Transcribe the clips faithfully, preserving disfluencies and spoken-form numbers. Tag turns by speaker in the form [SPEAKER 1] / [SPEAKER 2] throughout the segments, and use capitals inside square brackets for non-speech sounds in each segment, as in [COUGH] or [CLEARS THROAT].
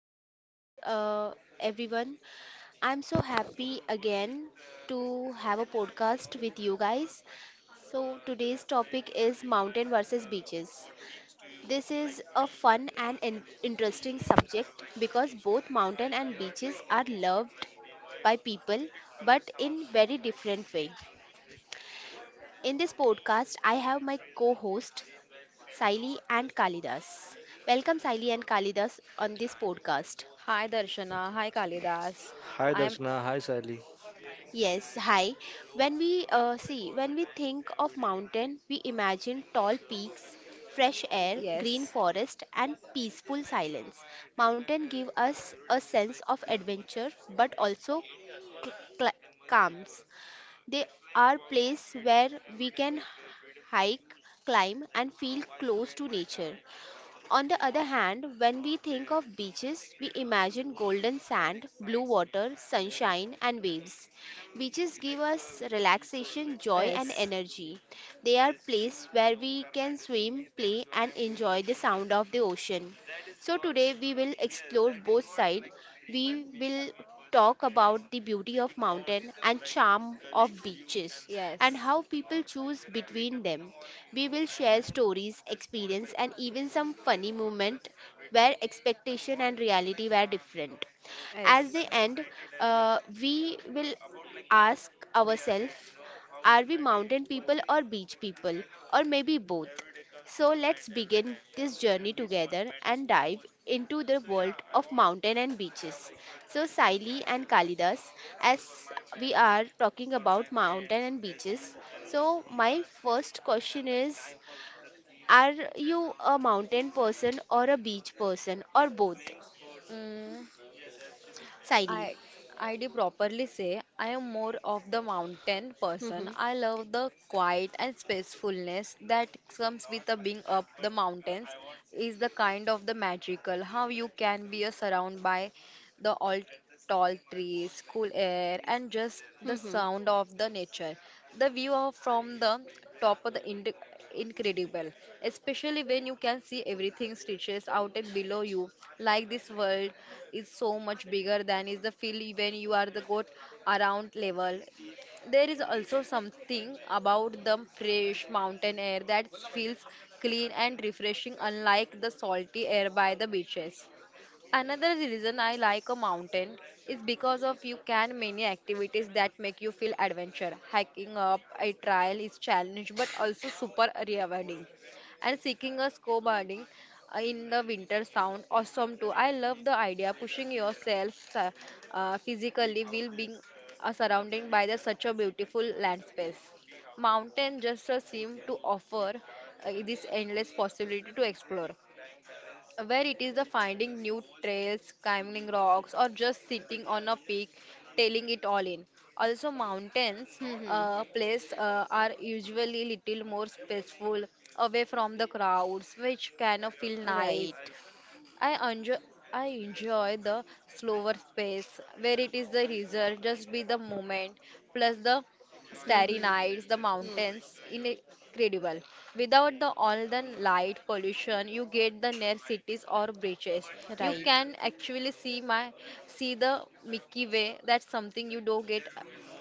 [SPEAKER 1] podcast, uh, everyone. I'm so happy again to have a podcast with you guys. So, today's topic is mountain versus beaches. This is a fun and in- interesting subject because both mountain and beaches are loved by people but in very different way. In this podcast, I have my co-host Saili and Kalidas. Welcome Saili and Kalidas on this podcast.
[SPEAKER 2] Hi Darshana, hi Kalidas.
[SPEAKER 3] Hi
[SPEAKER 2] I am
[SPEAKER 3] Darshana, hi Sally.
[SPEAKER 1] Yes, hi. When we uh, see, when we think of mountain, we imagine tall peaks, fresh air, green
[SPEAKER 2] yes,
[SPEAKER 1] forest, and peaceful silence. Mountain give us a sense of adventure, but also cl- cl- calms. They are place where we can hike, climb, and feel close to nature. On the other hand, when we think of beaches, we imagine golden sand, blue water, sunshine, and waves. Beaches give us relaxation, joy, and
[SPEAKER 2] yes,
[SPEAKER 1] energy. They are places where we can swim, play, and enjoy the sound of the ocean. So, today we will explore both sides. We will talk about the beauty of mountain and charm of beaches and
[SPEAKER 2] yes,
[SPEAKER 1] how people choose between them. We will share stories, experience and even some funny moment where expectation and reality were different. As they
[SPEAKER 2] yes.
[SPEAKER 1] end, uh, we will ask ourselves, are we mountain people or beach people or maybe both? So let's begin this journey together and dive into the world of mountain and beaches. So Saili and Kalidas, as we are talking about mountain and beaches, so my first question is, are you a mountain person or a beach person or both?
[SPEAKER 2] Mm,
[SPEAKER 1] Saili.
[SPEAKER 2] I I do properly say I am more of the mountain person.
[SPEAKER 1] Mm-hmm.
[SPEAKER 2] I love the quiet and peacefulness that comes with a being up the mountains is the kind of the magical how you can be uh, surrounded by the all tall trees, cool air, and just the
[SPEAKER 1] Mm-hmm.
[SPEAKER 2] sound of the nature. The view of from the top of the ind- incredible, especially when you can see everything stretches out and below you. Like this world is so much bigger than is the feel when you are the got around level. There is also something about the fresh mountain air that feels clean and refreshing, unlike the salty air by the beaches. Another reason I like a mountain is because of you can many activities that make you feel adventure. Hiking up a trail is challenge but also super rewarding. And seeking a snowboarding uh, in the winter sound awesome too. I love the idea pushing yourself uh, uh, physically while being uh, surrounded by the, such a beautiful landscape. Mountain just uh, seem to offer uh, this endless possibility to explore where it is the finding new trails, climbing rocks, or just sitting on a peak, tailing it all in. Also, mountains
[SPEAKER 1] Mm-hmm.
[SPEAKER 2] uh, place uh, are usually little more peaceful, away from the crowds, which kind of feel nice.
[SPEAKER 1] Right.
[SPEAKER 2] I enjoy I enjoy the slower space where it is the result, just be the moment, plus the starry
[SPEAKER 1] Mm-hmm.
[SPEAKER 2] nights, the
[SPEAKER 1] Hmm.
[SPEAKER 2] mountains, incredible. Without the all the light pollution, you get the near cities or beaches. You
[SPEAKER 1] Right.
[SPEAKER 2] can actually see my see the Milky Way. That's something you don't get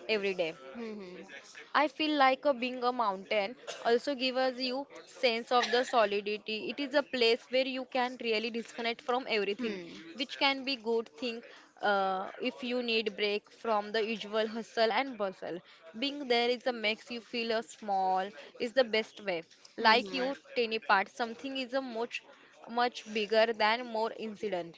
[SPEAKER 2] every day.
[SPEAKER 1] Mm-hmm.
[SPEAKER 2] I feel like a being a mountain also gives you sense of the solidity. It is a place where you can really disconnect from everything,
[SPEAKER 1] Hmm.
[SPEAKER 2] which can be good thing uh, if you need break from the usual hustle and bustle. Being there is a makes you feel a small is the best way.
[SPEAKER 1] Hmm.
[SPEAKER 2] Like
[SPEAKER 1] Hmm.
[SPEAKER 2] you, tiny part, something is a much much bigger than more incident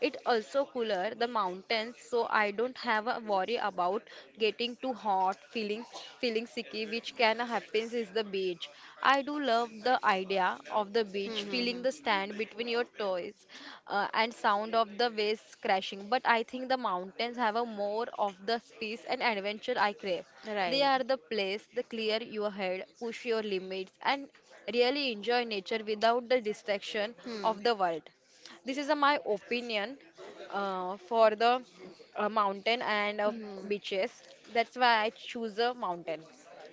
[SPEAKER 2] it also cooler the mountains, so I don't have a worry about getting too hot, feeling feeling sicky, which can happen is the beach. I do love the idea of the beach,
[SPEAKER 1] Hmm.
[SPEAKER 2] feeling the
[SPEAKER 1] Hmm.
[SPEAKER 2] sand between your toes, uh, and sound of the waves crashing. But I think the mountains have a more of the space and adventure I crave. They
[SPEAKER 1] Right.
[SPEAKER 2] are the place that clear your head, push your limits, and really enjoy nature without the distraction
[SPEAKER 1] Hmm.
[SPEAKER 2] of the world. This is uh, my opinion uh, for the uh, mountain and uh,
[SPEAKER 1] Mhm.
[SPEAKER 2] beaches. That's why I choose a mountain.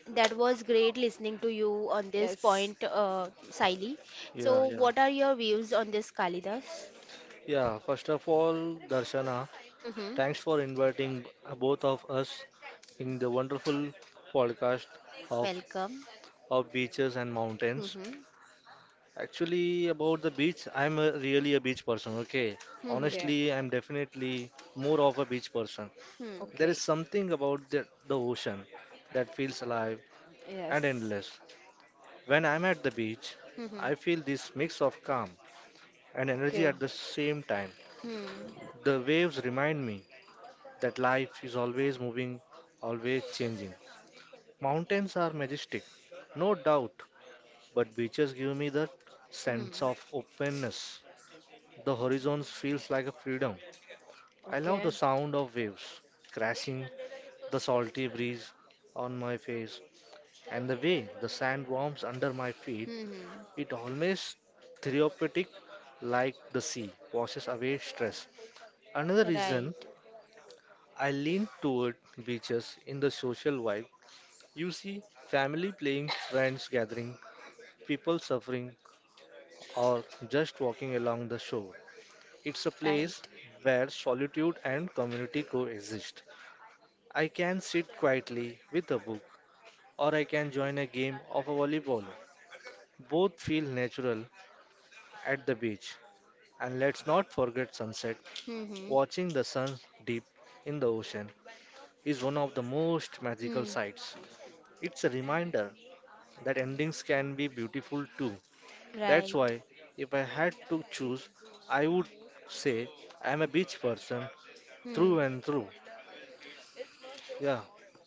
[SPEAKER 1] That was great listening to you on this
[SPEAKER 2] Yes.
[SPEAKER 1] point, uh, Saili.
[SPEAKER 3] Yeah,
[SPEAKER 1] So,
[SPEAKER 3] yeah.
[SPEAKER 1] what are your views on this, Kalidas?
[SPEAKER 3] Yeah, first of all, Darshana,
[SPEAKER 1] Mm-hmm.
[SPEAKER 3] thanks for inviting both of us in the wonderful podcast of
[SPEAKER 1] Welcome.
[SPEAKER 3] of beaches and mountains.
[SPEAKER 1] Mm-hmm.
[SPEAKER 3] Actually, about the beach, I'm a, really a beach person, okay?
[SPEAKER 2] Okay.
[SPEAKER 1] Mm-hmm.
[SPEAKER 3] Honestly, I'm definitely more of a beach person. There
[SPEAKER 1] Mm-hmm.
[SPEAKER 3] is
[SPEAKER 2] Okay.
[SPEAKER 3] something about the, the ocean that feels alive and
[SPEAKER 2] Yes.
[SPEAKER 3] endless. When I'm at the beach, I feel
[SPEAKER 1] Mm-hmm.
[SPEAKER 3] this mix of calm and energy
[SPEAKER 2] Okay.
[SPEAKER 3] at the same time. The waves remind me that life is always moving, always changing. Mountains are majestic, no doubt, but beaches give me that sense of openness. The horizon feels like a freedom. I love
[SPEAKER 2] Okay.
[SPEAKER 3] the sound of waves crashing, the salty breeze on my face, and the way the sand warms under my feet.
[SPEAKER 1] Mm-hmm.
[SPEAKER 3] It almost therapeutic like the sea washes away stress. Another reason
[SPEAKER 1] Right,
[SPEAKER 3] I lean toward beaches in the social vibe. You see family playing, friends gathering, people suffering, or just walking along the shore. It's a
[SPEAKER 1] right.
[SPEAKER 3] place where solitude and community coexist. I can sit quietly with a book, or I can join a game of volleyball. Both feel natural at the beach. And let's not forget sunset.
[SPEAKER 1] Mm-hmm.
[SPEAKER 3] Watching the sun dip in the ocean is one of the most magical
[SPEAKER 1] Mm.
[SPEAKER 3] sights. It's a reminder that endings can be beautiful too. That's
[SPEAKER 1] Right.
[SPEAKER 3] why, if I had to choose, I would say I'm a beach person
[SPEAKER 1] Mm.
[SPEAKER 3] through and through. Yeah,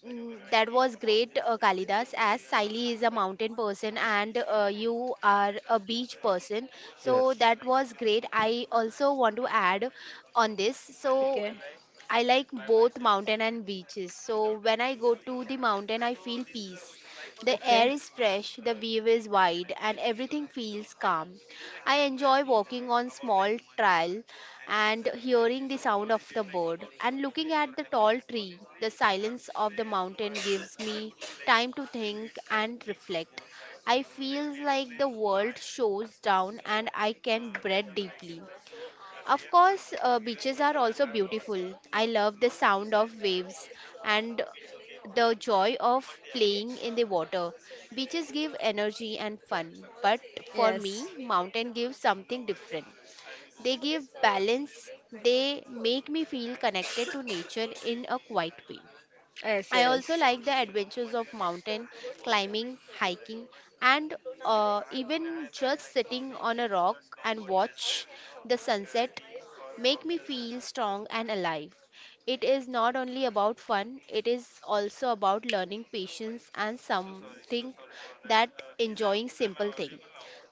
[SPEAKER 1] Mm, that was great, uh, Kalidas. As Siley is a mountain person and uh, you are a beach person, so
[SPEAKER 3] yes.
[SPEAKER 1] that was great. I also want to add on this. So
[SPEAKER 2] Okay.
[SPEAKER 1] I like both mountain and beaches. So when I go to the mountain, I feel peace. The air
[SPEAKER 2] Okay.
[SPEAKER 1] is fresh, the view is wide, and everything feels calm. I enjoy walking on small trail and hearing the sound of the bird and looking at the tall tree. The silence of the mountain gives me time to think and reflect. I feel like the world shows down and I can breathe deeply. Of course, uh, beaches are also beautiful. I love the sound of waves and the joy of playing in the water. Beaches give energy and fun, but for
[SPEAKER 2] Yes.
[SPEAKER 1] me mountain gives something different. They give balance, they make me feel connected to nature in a quiet way.
[SPEAKER 2] Yes.
[SPEAKER 1] I also
[SPEAKER 2] Yes.
[SPEAKER 1] like the adventures of mountain climbing, hiking, and uh, even just sitting on a rock and watch the sunset make me feel strong and alive. It is not only about fun, it is also about learning patience and something that enjoying simple things.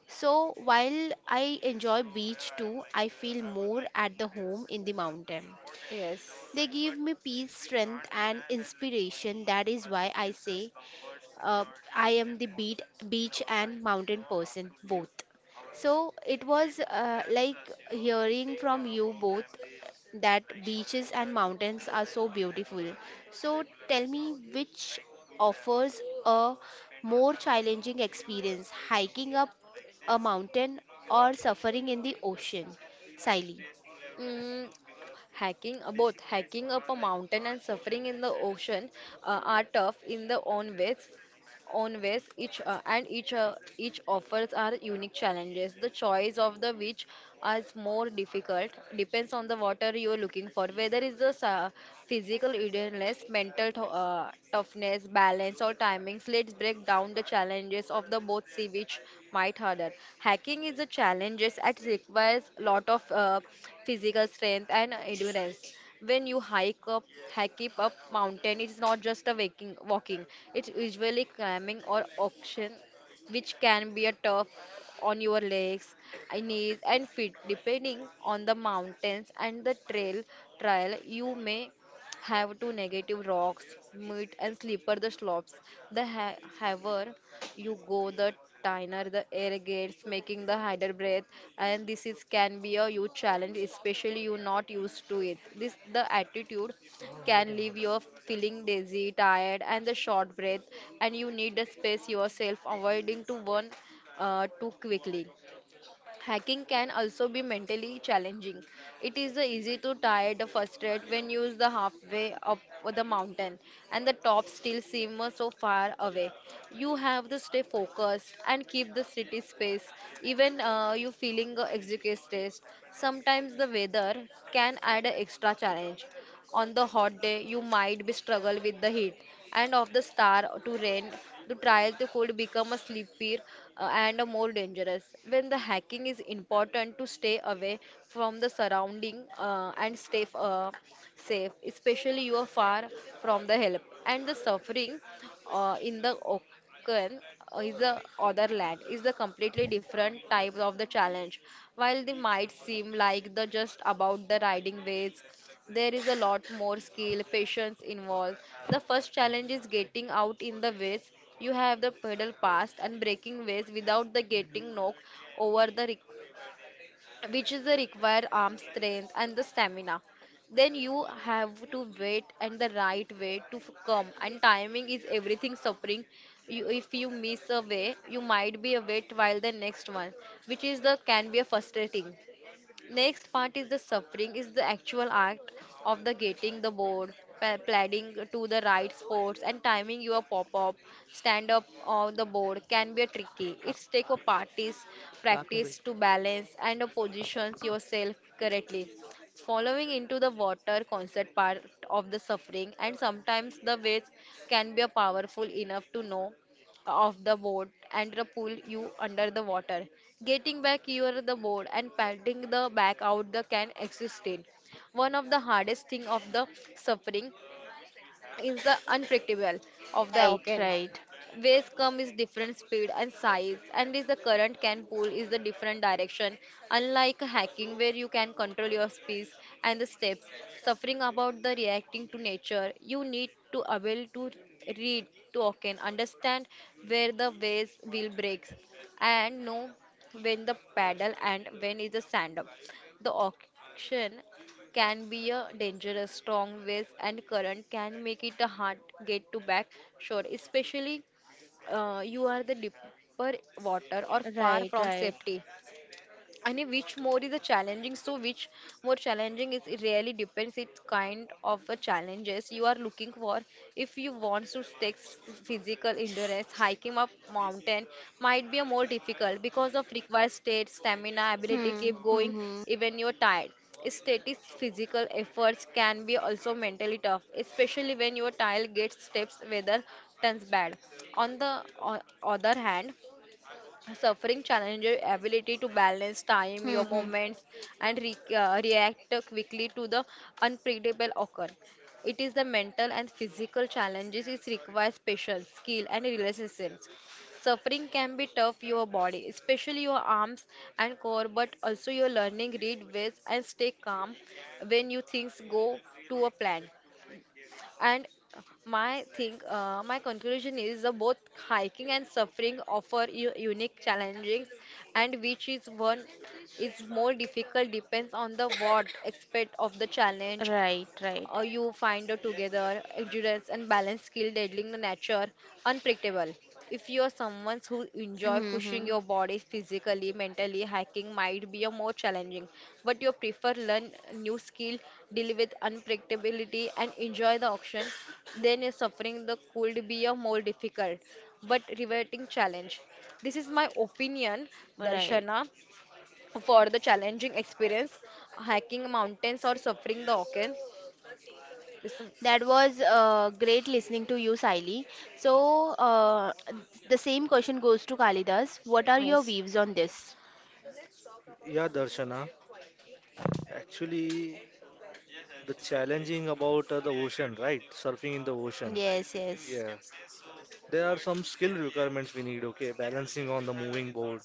[SPEAKER 1] So while I enjoy beach too, I feel more at the home in the mountain.
[SPEAKER 2] Yes.
[SPEAKER 1] They give me peace, strength, and inspiration. That is why I say uh, I am the beat, beach and mountain person both. So it was uh, like hearing from you both that beaches and mountains are so beautiful. So tell me which offers a more challenging experience, hiking up a mountain or suffering in the ocean? Siley.
[SPEAKER 2] Mm, Hiking, uh, both hiking up a mountain and suffering in the ocean uh, are tough in their own ways. Own ways each uh, and each uh, each offers are unique challenges the choice of the which is more difficult depends on the water you are looking for whether it's the sa- physical endurance mental th- uh, toughness balance or timings let's break down the challenges of the both see which might harder hacking is a challenges that requires lot of uh, physical strength and endurance when you hike up hike it up mountain it's not just a waking walking it's usually climbing or auction which can be a tough on your legs and knees and feet depending on the mountains and the trail trial you may have two negative rocks, meat and slipper the slopes. The ha- higher you go, the thinner the air gets, making the harder breath. And this is can be a huge challenge, especially you not used to it. This the attitude can leave you feeling dizzy, tired, and the short breath. And you need a space yourself, avoiding to one uh, too quickly. Hacking can also be mentally challenging. It is uh, easy to tired, frustrate when used the halfway up the mountain and the top still seem uh, so far away. You have to stay focused and keep the city space even uh, you feeling uh, exhausted. Sometimes the weather can add a extra challenge. On the hot day, you might be struggle with the heat and of the star to rent the trials could become a sleepier uh, and a more dangerous when the hacking is important to stay away from the surrounding uh, and stay uh, safe, especially you are far from the help. And the suffering uh, in the ocean uh, is the other land is the completely different type of the challenge. While they might seem like the just about the riding waves, there is a lot more skill, patience involved. The first challenge is getting out in the waves. You have the pedal past and breaking waves without the getting knocked over the which is the required arm strength and the stamina then you have to wait and the right way to f- come and timing is everything suffering you, if you miss a way you might be a wait while the next one which is the can be a frustrating. Next part is the suffering is the actual act of the getting the board, pa- planning to the right spots, and timing your pop-up, stand-up on the board can be tricky. It's take a parties practice to balance and uh, positions yourself correctly. Following into the water concept part of the suffering, and sometimes the waves can be a powerful enough to know off the boat and the pull you under the water. Getting back near the board and paddling the back out the can exist in. One of the hardest thing of the suffering is the unpredictable of the
[SPEAKER 1] Right,
[SPEAKER 2] ocean.
[SPEAKER 1] right,
[SPEAKER 2] Waves come is different speed and size, and is the current can pull is the different direction. Unlike hacking, where you can control your speed and the steps, suffering about the reacting to nature, you need to able to read to ocean, understand where the waves will break, and know when the paddle and when is the sand up. The ocean can be a dangerous strong winds and current can make it a hard get to back shore especially uh, you are the deeper water or far
[SPEAKER 1] right,
[SPEAKER 2] from
[SPEAKER 1] right.
[SPEAKER 2] safety and which more is a challenging so which more challenging is it really depends it kind of a challenges you are looking for if you want to take s- physical endurance hiking up mountain might be a more difficult because of required state stamina ability to
[SPEAKER 1] Hmm,
[SPEAKER 2] keep
[SPEAKER 1] hmm,
[SPEAKER 2] going
[SPEAKER 1] hmm,
[SPEAKER 2] even you're tired static physical efforts can be also mentally tough especially when your tile gets steps weather turns bad on the o- other hand. Suffering challenges your ability to balance time, your
[SPEAKER 1] hmm, hmm,
[SPEAKER 2] moments, and re- uh, react quickly to the unpredictable occur. It is the mental and physical challenges which requires patience, skill, and resilience. Suffering can be tough your body, especially your arms and core, but also your learning read ways and stay calm when you things go to a plan. And my thing, uh, my conclusion is uh, both hiking and suffering offer you unique challenges, and which is one is more difficult depends on the what aspect of the challenge
[SPEAKER 1] right, right,
[SPEAKER 2] uh, you find out together endurance and balance skill dealing the nature unpredictable if you are someone who enjoy
[SPEAKER 1] hmm,
[SPEAKER 2] pushing
[SPEAKER 1] hmm.
[SPEAKER 2] your body physically mentally hiking might be a more challenging but you prefer learn new skill deal with unpredictability and enjoy the action then your suffering the could be a more difficult but rewarding challenge this is my opinion
[SPEAKER 1] Right.
[SPEAKER 2] darshana for the challenging experience hiking mountains or suffering the ocean. Listen.
[SPEAKER 1] That was uh, great listening to you, Siley. So uh, the same question goes to Kalidas. What are your
[SPEAKER 2] Yes,
[SPEAKER 1] views on this?
[SPEAKER 3] Yeah, Darshana. Actually, the challenging about uh, the ocean, right? Surfing in the ocean.
[SPEAKER 1] Yes, yes.
[SPEAKER 3] Yeah. There are some skill requirements we need, okay? Balancing on the moving board,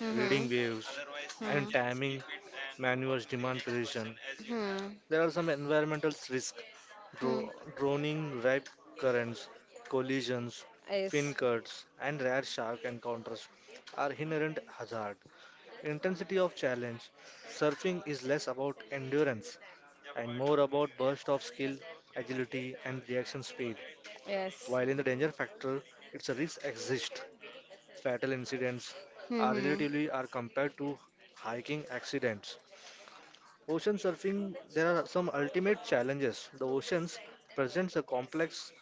[SPEAKER 1] Mhm.
[SPEAKER 3] reading
[SPEAKER 1] Hmm.
[SPEAKER 3] waves, and timing maneuvers demand precision.
[SPEAKER 1] Hmm.
[SPEAKER 3] There are some environmental risks
[SPEAKER 1] Hmm.
[SPEAKER 3] Dro- droning ripe currents, collisions, fin
[SPEAKER 2] yes,
[SPEAKER 3] cuts, and rare shark encounters are inherent hazard. Intensity of challenge. Surfing is less about endurance and more about burst of skill, agility, and reaction speed.
[SPEAKER 2] yes,
[SPEAKER 3] While in the danger factor, its risks exist. Fatal incidents are relatively are compared to hiking accidents. Ocean surfing, there are some ultimate challenges. The oceans presents a complex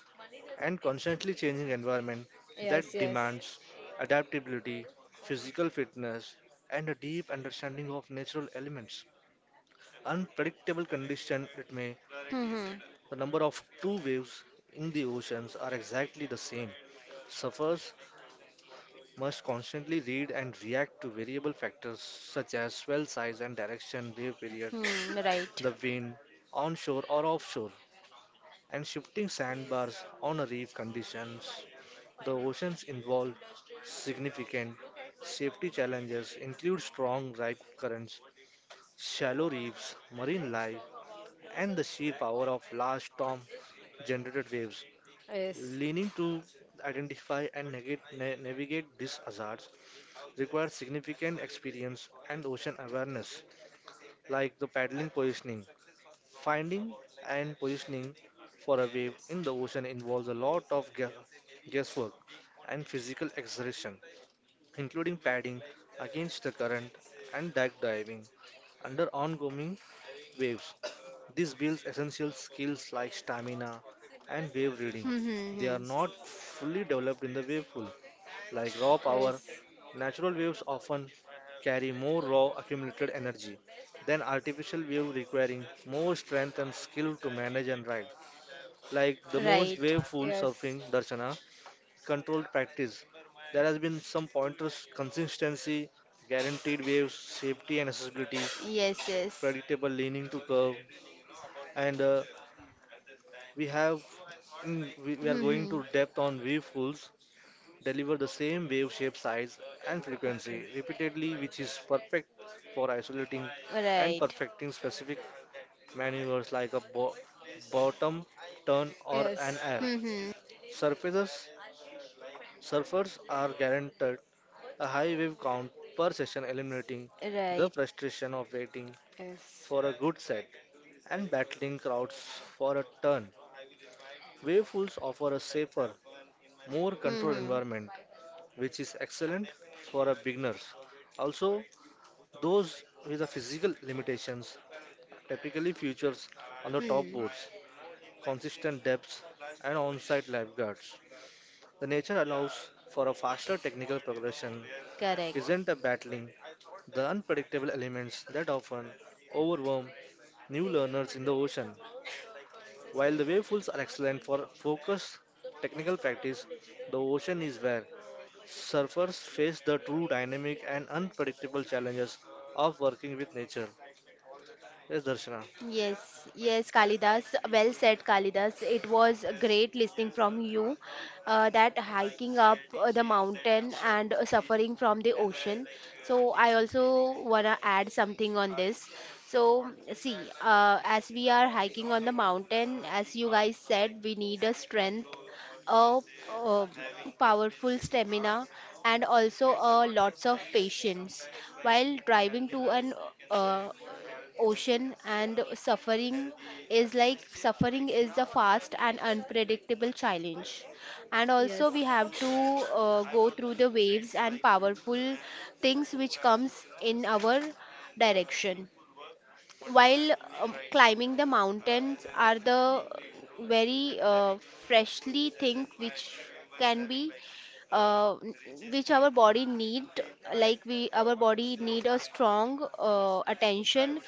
[SPEAKER 3] and constantly changing environment that
[SPEAKER 2] yes, yes,
[SPEAKER 3] demands adaptability, physical fitness, and a deep understanding of natural elements. Unpredictable condition it may,
[SPEAKER 1] Hmm.
[SPEAKER 3] the number of two waves in the oceans are exactly the same. Surfers must constantly read and react to variable factors such as swell size and direction, wave period,
[SPEAKER 1] Hmm. Right.
[SPEAKER 3] the wind, onshore or offshore, and shifting sandbars on a reef conditions. The oceans involve significant safety challenges include strong rip currents, shallow reefs, marine life, and the sheer power of large storm-generated waves.
[SPEAKER 2] yes,
[SPEAKER 3] Leaning to identify and negate, na- navigate these hazards requires significant experience and ocean awareness, like the paddling positioning. Finding and positioning for a wave in the ocean involves a lot of gue- guesswork and physical exertion, including padding against the current and dive diving under ongoing waves. This builds essential skills like stamina and wave reading.
[SPEAKER 1] Hmm. Hmm.
[SPEAKER 3] They
[SPEAKER 1] Hmm.
[SPEAKER 3] are not fully developed in the wave pool. Like raw power,
[SPEAKER 2] yes,
[SPEAKER 3] natural waves often carry more raw accumulated energy than artificial wave requiring more strength and skill to manage and ride. Like the most
[SPEAKER 1] Right.
[SPEAKER 3] wave pool
[SPEAKER 2] yes.
[SPEAKER 3] surfing, Darshana, controlled practice. There has been some pointers, consistency, guaranteed waves, safety and accessibility,
[SPEAKER 1] Yes, yes.
[SPEAKER 3] predictable leaning to curve, and uh, we have mm, we, we are
[SPEAKER 1] Hmm.
[SPEAKER 3] going to
[SPEAKER 1] Hmm.
[SPEAKER 3] depth on wavefulls deliver the same wave shape size and frequency
[SPEAKER 2] Okay.
[SPEAKER 3] repeatedly which is perfect for isolating and
[SPEAKER 1] Right.
[SPEAKER 3] perfecting specific maneuvers like a bo- bottom turn or an
[SPEAKER 2] Yes,
[SPEAKER 3] air
[SPEAKER 1] Hmm. Hmm.
[SPEAKER 3] surfaces surfers are guaranteed a high wave count per session eliminating the
[SPEAKER 1] Right.
[SPEAKER 3] frustration of waiting
[SPEAKER 2] yes,
[SPEAKER 3] for a good set and battling crowds for a turn. Wavefuls offer a safer, more
[SPEAKER 1] Hmm.
[SPEAKER 3] controlled
[SPEAKER 1] Hmm.
[SPEAKER 3] environment which is excellent for a beginners. Also, those with the physical limitations typically features on the top
[SPEAKER 1] Hmm.
[SPEAKER 3] boards, consistent depths and on-site lifeguards. The nature allows for a faster technical progression
[SPEAKER 1] Correct.
[SPEAKER 3] isn't a battling the unpredictable elements that often overwhelm new learners in the ocean. While the wave pools are excellent for focused technical practice, the ocean is where surfers face the true dynamic and unpredictable challenges of working with nature. Yes, Darshana.
[SPEAKER 1] Yes, yes, Kalidas. Well said, Kalidas. It was great listening from you. Uh, that hiking up uh, the mountain and uh, suffering from the ocean. So I also wanna add something on this. So see, uh, as we are hiking on the mountain, as you guys said, we need a strength, a, uh powerful stamina and also uh, lots of patience while driving to an uh, ocean, and suffering is like suffering is the fast and unpredictable challenge, and
[SPEAKER 2] yes.
[SPEAKER 1] also we have to uh, go through the waves and powerful things which comes in our direction. While um, climbing the mountains are the very uh, freshly thing which can be uh, n- which our body need. Like we our body need a strong uh, attention.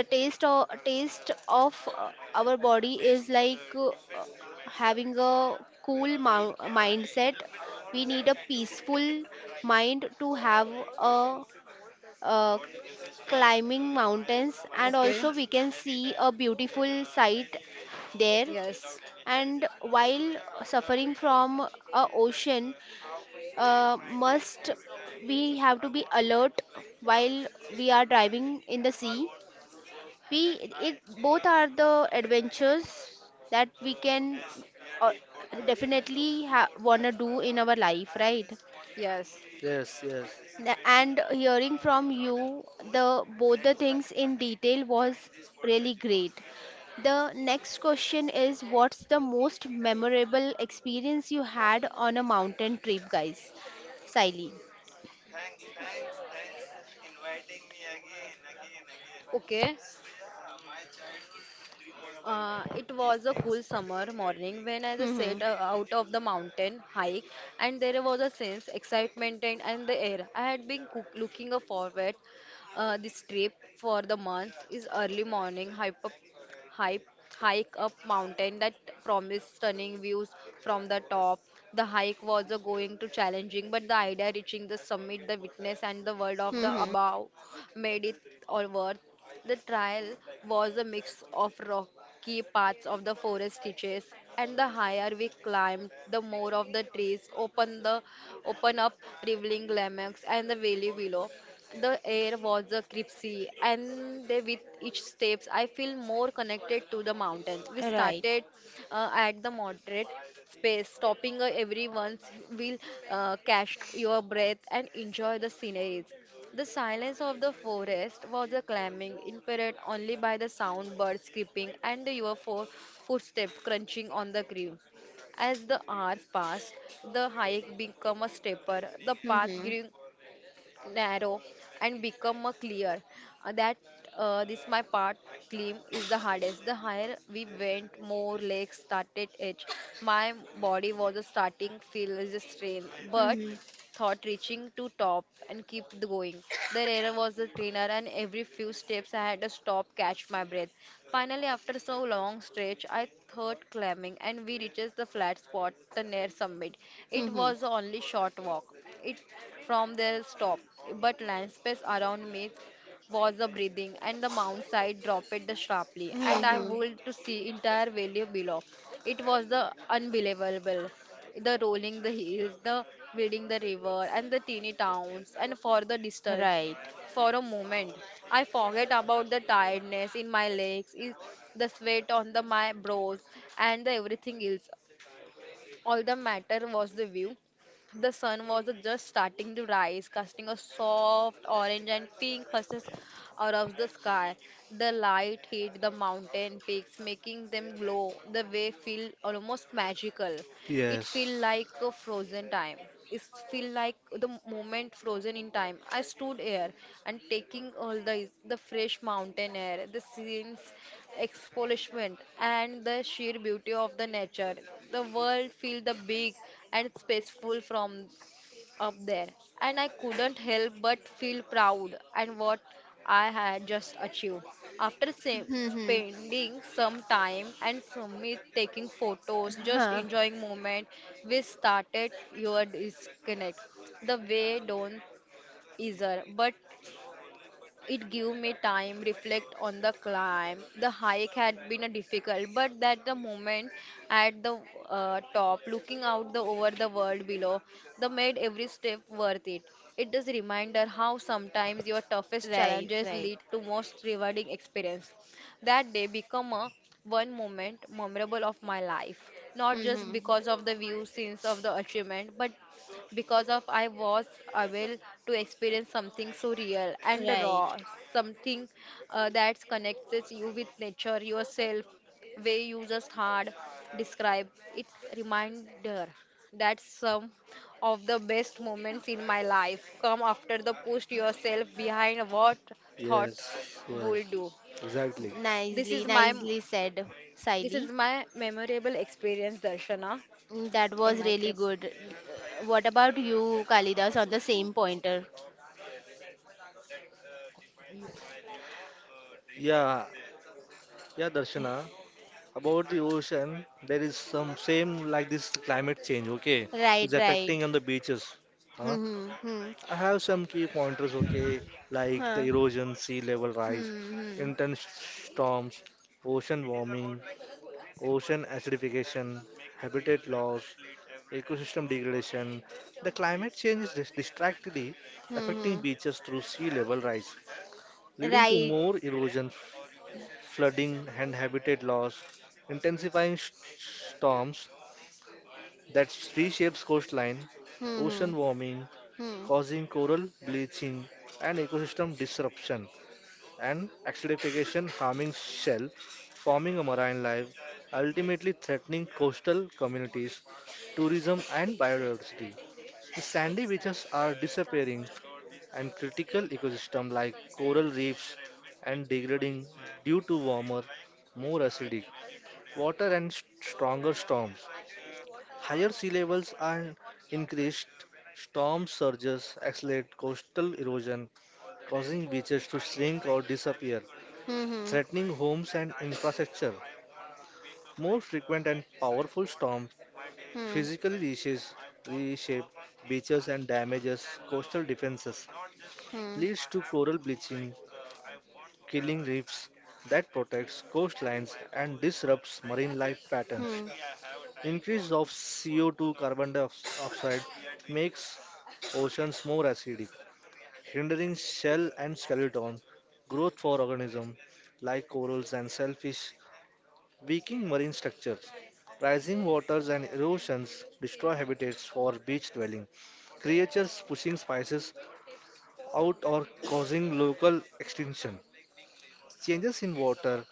[SPEAKER 1] The taste or taste of uh, our body is like uh, having a cool mou- mindset. We need a peaceful mind to have a uh, climbing mountains, and
[SPEAKER 2] Okay.
[SPEAKER 1] also we can see a beautiful sight there.
[SPEAKER 2] Yes,
[SPEAKER 1] And while suffering from a ocean, uh, must we have to be alert while we are driving in the sea. We it both are the adventures that we can uh, definitely ha- wanna do in our life, right?
[SPEAKER 2] yes.
[SPEAKER 3] Yes, yes,
[SPEAKER 1] The- and hearing from you the both the things in detail was really great. The next question is, what's the most memorable experience you had on a mountain trip, guys? Siley.
[SPEAKER 2] Okay. Uh, it was a cool summer morning when I just
[SPEAKER 1] Hmm.
[SPEAKER 2] set uh, out of the mountain hike, and there was a sense excitement and, and the air. I had been cook- looking forward uh, this trip for the month. Is early morning hype hike, hike up mountain that promised stunning views from the top. The hike was a going to challenging, but the idea reaching the summit, the witness and the world of the
[SPEAKER 1] Hmm.
[SPEAKER 2] above made it all worth. The trial was a mix of rocky parts of the forest stitches, and the higher we climbed, the more of the trees open the open up, revealing lamaks and the valley below. The air was uh, crisp, and they, with each steps, I feel more connected to the mountain. We
[SPEAKER 1] Right.
[SPEAKER 2] started uh, at the moderate space, stopping uh, every once. We'll uh, catch your breath and enjoy the sceneries. The silence of the forest was a clamming, impaired only by the sound birds creeping and your fo- footsteps crunching on the ground. As the hours passed, the hike became a stepper. The path
[SPEAKER 1] Hmm.
[SPEAKER 2] grew narrow and become a clear Uh, that uh, this my part claim is the hardest the higher we went more legs started itch my body was a starting feel is a strain but
[SPEAKER 1] Hmm.
[SPEAKER 2] thought reaching to top and keep going the error was the trainer and every few steps I had to stop catch my breath. Finally, after so long stretch, I thought climbing, and we reached the flat spot, the near summit. It
[SPEAKER 1] Hmm.
[SPEAKER 2] was the only short walk. It from the stop, but landscape around me was a breathing, and the mount side dropped the sharply, and I
[SPEAKER 1] Hmm.
[SPEAKER 2] would to see entire valley below. It was the unbelievable the rolling the hills, the reading the river and the teeny towns and for the distance
[SPEAKER 1] Right.
[SPEAKER 2] for a moment, I forget about the tiredness in my legs, is the sweat on the my brows, and the everything else. All the matter was the view. The sun was just starting to rise, casting a soft orange and pink hues out of the sky. The light hit the mountain peaks, making them glow. The way feel almost magical. It feel
[SPEAKER 3] yes,
[SPEAKER 2] like a frozen time. It feel like the moment frozen in time. I stood here and taking all the the fresh mountain air, the scene's exfoliation, and the sheer beauty of the nature. The world feel the big and it's peaceful from up there. And I couldn't help but feel proud and what I had just achieved. After sa-
[SPEAKER 1] Hmm.
[SPEAKER 2] Spending some time and Sumit taking photos, just
[SPEAKER 1] Huh.
[SPEAKER 2] enjoying moment, we started your disconnect. The way don't easier, but it gave me time reflect on the climb. The hike had been a difficult, but that the moment at the uh, top, looking out the over the world below, that made every step worth it. It is a reminder how sometimes your toughest
[SPEAKER 1] Right,
[SPEAKER 2] challenges
[SPEAKER 1] right.
[SPEAKER 2] lead to most rewarding experience. That day become a one moment memorable of my life, not just
[SPEAKER 1] Hmm.
[SPEAKER 2] because of the view, scenes of the achievement, but because of I was able to experience something so real and
[SPEAKER 1] Right.
[SPEAKER 2] raw, something uh, that connects you with nature, yourself, way you just hard describe. It's reminder that some of the best moments in my life come after the push yourself behind what thought
[SPEAKER 3] yes, yes.
[SPEAKER 2] would do.
[SPEAKER 3] Exactly.
[SPEAKER 2] This
[SPEAKER 1] Nicely
[SPEAKER 2] is my
[SPEAKER 1] nicely said,
[SPEAKER 2] this
[SPEAKER 1] Siley.
[SPEAKER 2] is my memorable experience, Darshana,
[SPEAKER 1] Mm, that
[SPEAKER 2] in
[SPEAKER 1] was
[SPEAKER 2] my
[SPEAKER 1] really
[SPEAKER 2] trip.
[SPEAKER 1] good. Uh, What about you, Kalidas, on the same pointer?
[SPEAKER 3] Yeah, yeah, Darshana, about the ocean, there is some same like this climate change, okay, is
[SPEAKER 1] Right,
[SPEAKER 3] affecting
[SPEAKER 1] right.
[SPEAKER 3] on the beaches. Huh?
[SPEAKER 1] Hmm, hmm, hmm.
[SPEAKER 3] I have some key pointers, okay, like the
[SPEAKER 1] Huh.
[SPEAKER 3] erosion, sea level rise,
[SPEAKER 1] Hmm, hmm,
[SPEAKER 3] intense storms, ocean warming, ocean acidification, habitat loss, ecosystem degradation. The climate change is dis- distractedly
[SPEAKER 1] hmm,
[SPEAKER 3] affecting
[SPEAKER 1] hmm.
[SPEAKER 3] beaches through sea level rise, leading to
[SPEAKER 1] Right.
[SPEAKER 3] more erosion flooding, and habitat loss, intensifying sh- storms that reshapes coastline,
[SPEAKER 1] Hmm, hmm,
[SPEAKER 3] ocean warming,
[SPEAKER 1] hmm.
[SPEAKER 3] causing coral bleaching and ecosystem disruption, and acidification harming shell, forming a marine life, ultimately threatening coastal communities, tourism, and biodiversity. The sandy beaches are disappearing, and critical ecosystems like coral reefs and degrading due to warmer, more acidic, water and st- stronger storms. Higher sea levels and increased storm surges accelerate coastal erosion, causing beaches to shrink or disappear,
[SPEAKER 1] Hmm.
[SPEAKER 3] threatening homes and infrastructure. More frequent and powerful storms
[SPEAKER 1] Hmm. Hmm.
[SPEAKER 3] physically reshape, reshape beaches and damages coastal defenses, leads to coral bleaching, killing reefs that protects coastlines and disrupts marine life patterns.
[SPEAKER 1] Hmm.
[SPEAKER 3] Increase of C O two carbon dioxide makes oceans more acidic, hindering shell and skeleton growth for organisms like corals and shellfish, weakening marine structures. Rising waters and erosions destroy habitats for beach dwelling creatures pushing species out or causing local extinction. Changes in water,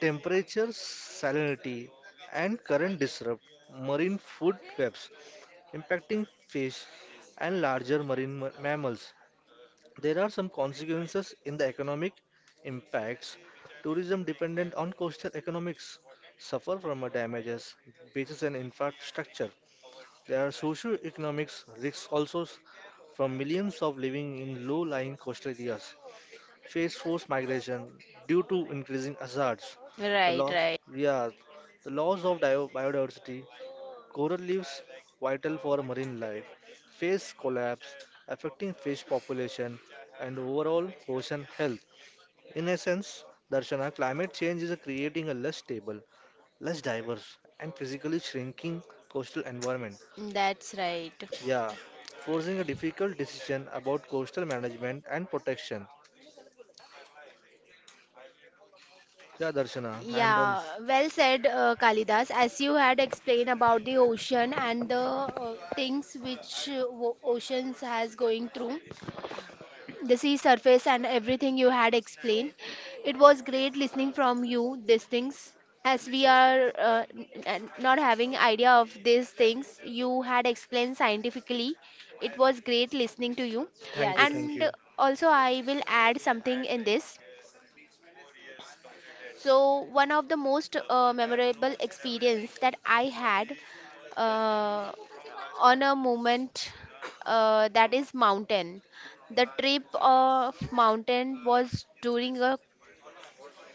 [SPEAKER 3] temperature, salinity, and current disrupt marine food webs, impacting fish and larger marine ma- mammals. There are some consequences in the economic impacts. Tourism dependent on coastal economics suffer from a damages, beaches and infrastructure. There are socio-economics risks also s- from millions of living in low-lying coastal areas. Face forced migration due to increasing hazards. The
[SPEAKER 1] Right,
[SPEAKER 3] loss,
[SPEAKER 1] right.
[SPEAKER 3] yeah, the loss of dio- biodiversity. Coral reefs, vital for marine life, face collapse, affecting fish population and overall ocean health. In essence, Darshana, climate change is creating a less stable, less diverse, and physically shrinking coastal environment.
[SPEAKER 1] That's right.
[SPEAKER 3] Yeah, forcing a difficult decision about coastal management and protection. Yeah, Darshana, I'm done.
[SPEAKER 1] Yeah, well said, uh, Kalidas. As you had explained about the ocean and the uh, things which uh, wo- oceans has going through, the sea surface and everything you had explained. It was great listening from you these things. As we are uh, n- n- not having idea of these things, you had explained scientifically. It was great listening to you.
[SPEAKER 3] Thank you,
[SPEAKER 2] Yes,
[SPEAKER 3] thank
[SPEAKER 1] And
[SPEAKER 3] you.
[SPEAKER 1] also, I will add something in this. So one of the most uh, memorable experience that I had uh, on a moment uh, that is mountain. The trip of mountain was during a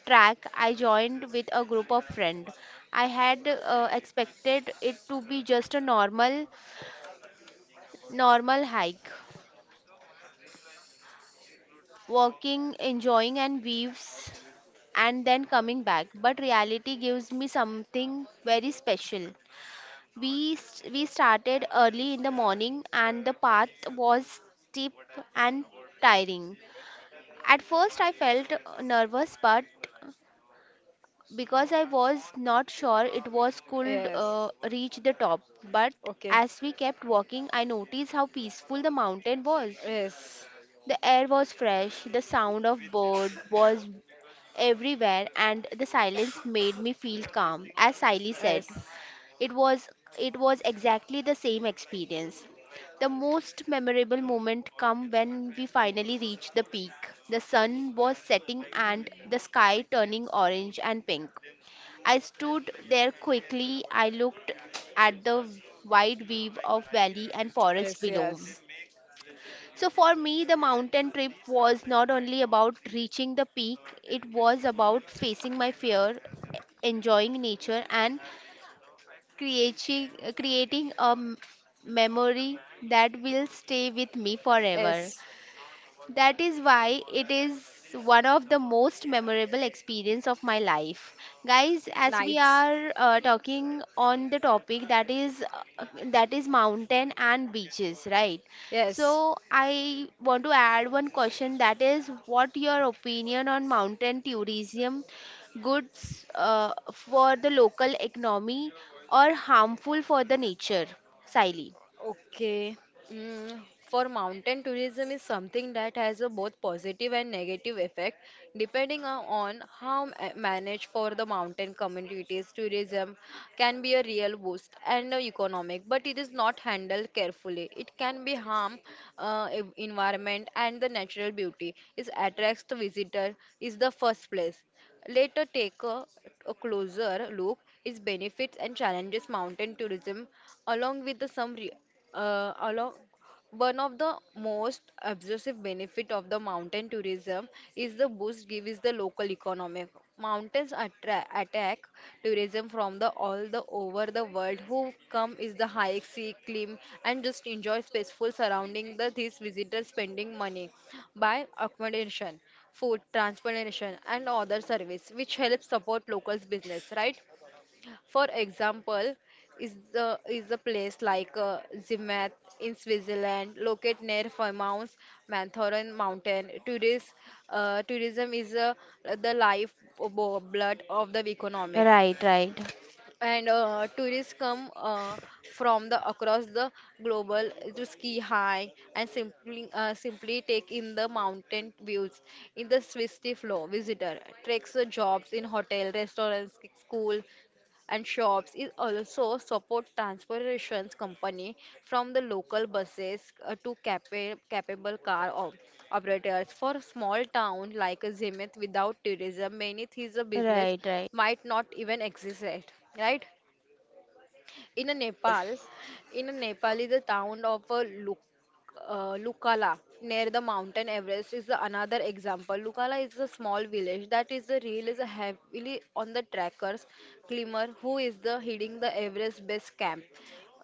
[SPEAKER 1] track I joined with a group of friend. I had uh, expected it to be just a normal normal hike, walking, enjoying and views and then coming back. But reality gives me something very special. We st- we started early in the morning and the path was steep and tiring. At first I felt uh, nervous but because I was not sure it was could uh,
[SPEAKER 2] yes.
[SPEAKER 1] reach the top, but
[SPEAKER 2] Okay.
[SPEAKER 1] as we kept walking I noticed how peaceful the mountain was.
[SPEAKER 2] Yes,
[SPEAKER 1] The air was fresh, the sound of bird was everywhere and the silence made me feel calm as Siley said.
[SPEAKER 2] yes,
[SPEAKER 1] It was it was exactly the same experience. The most memorable moment come when we finally reached the peak. The sun was setting and the sky turning orange and pink. I stood there quickly. I looked at the wide weave of valley and forest
[SPEAKER 2] yes,
[SPEAKER 1] below.
[SPEAKER 2] yes,
[SPEAKER 1] So for me, the mountain trip was not only about reaching the peak, it was about facing my fear, enjoying nature, and creating, creating a m- memory that will stay with me forever.
[SPEAKER 2] yes,
[SPEAKER 1] That is why it is one of the most memorable experience of my life. Guys, as we
[SPEAKER 2] nights.
[SPEAKER 1] are uh, talking on the topic that is uh, that is mountain and beaches, right?
[SPEAKER 2] Yes,
[SPEAKER 1] So I want to add one question that is, what your opinion on mountain tourism goods uh, for the local economy or harmful for the nature? Siley.
[SPEAKER 2] okay. Mm, for mountain tourism is something that has a both positive and negative effect depending on on how ma- managed for the mountain communities tourism can be a real boost and a economic, but it is not handled carefully it can be harm uh, ev- environment and the natural beauty it attracts the visitor is the first place later take a, a closer look its benefits and challenges mountain tourism along with the some re- uh, along one of the most obsessive benefit of the mountain tourism is the boost gives the local economy. Mountains attract attack tourism from the all the over the world who come is the hike see climb and just enjoy peaceful surrounding the these visitors spending money by accommodation food transportation and other service which helps support locals business, right? For example, is the is a place like uh, Zermatt in Switzerland, located near famous Matterhorn mountain. Tourist, uh, tourism is uh, the life uh, bo- blood of the economic,
[SPEAKER 1] Right, right.
[SPEAKER 2] and uh, tourists come uh, from the across the global to ski high and simply uh, simply take in the mountain views in the Swiss flow visitor takes uh, jobs in hotel restaurants school and shops is also support transportation company from the local buses uh, to capa- capable car op- operators for small town like Zemit without tourism many things a business
[SPEAKER 1] Right, right.
[SPEAKER 2] might not even exist, right? In a
[SPEAKER 1] Yes.
[SPEAKER 2] Nepal, in a Nepal is the town of a Luk, uh, Lukala near the mountain Everest is the another example. Lukala is a small village that is the real is a heavily on the trackers climber who is the heading the Everest base camp.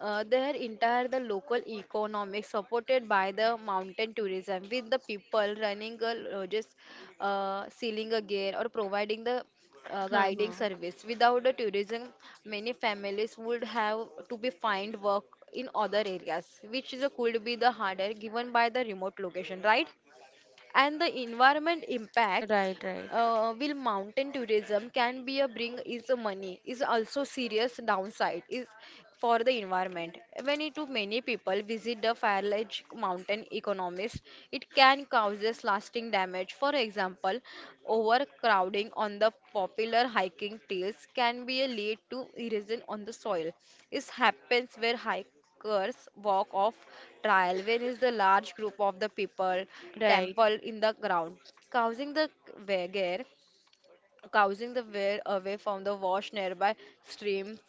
[SPEAKER 2] Uh, their entire the local economic supported by the mountain tourism with the people running a lodges, uh, selling a gear or providing the uh,
[SPEAKER 1] Hmm.
[SPEAKER 2] guiding service. Without the tourism, many families would have to be find work in other areas, which is a, could be the harder given by the remote location, right? And the environment impact
[SPEAKER 1] Right, right,
[SPEAKER 2] uh, will mountain tourism can be a bring is a money is also serious downside is for the environment when it too many people visit the firelage mountain economies it can causes lasting damage. For example, overcrowding on the popular hiking trails can be a lead to erosion on the soil. It happens where hike Curse walk of trial, when is the large group of the people
[SPEAKER 1] right.
[SPEAKER 2] temple in the ground, causing the wagare, causing the wear away from the wash nearby streams.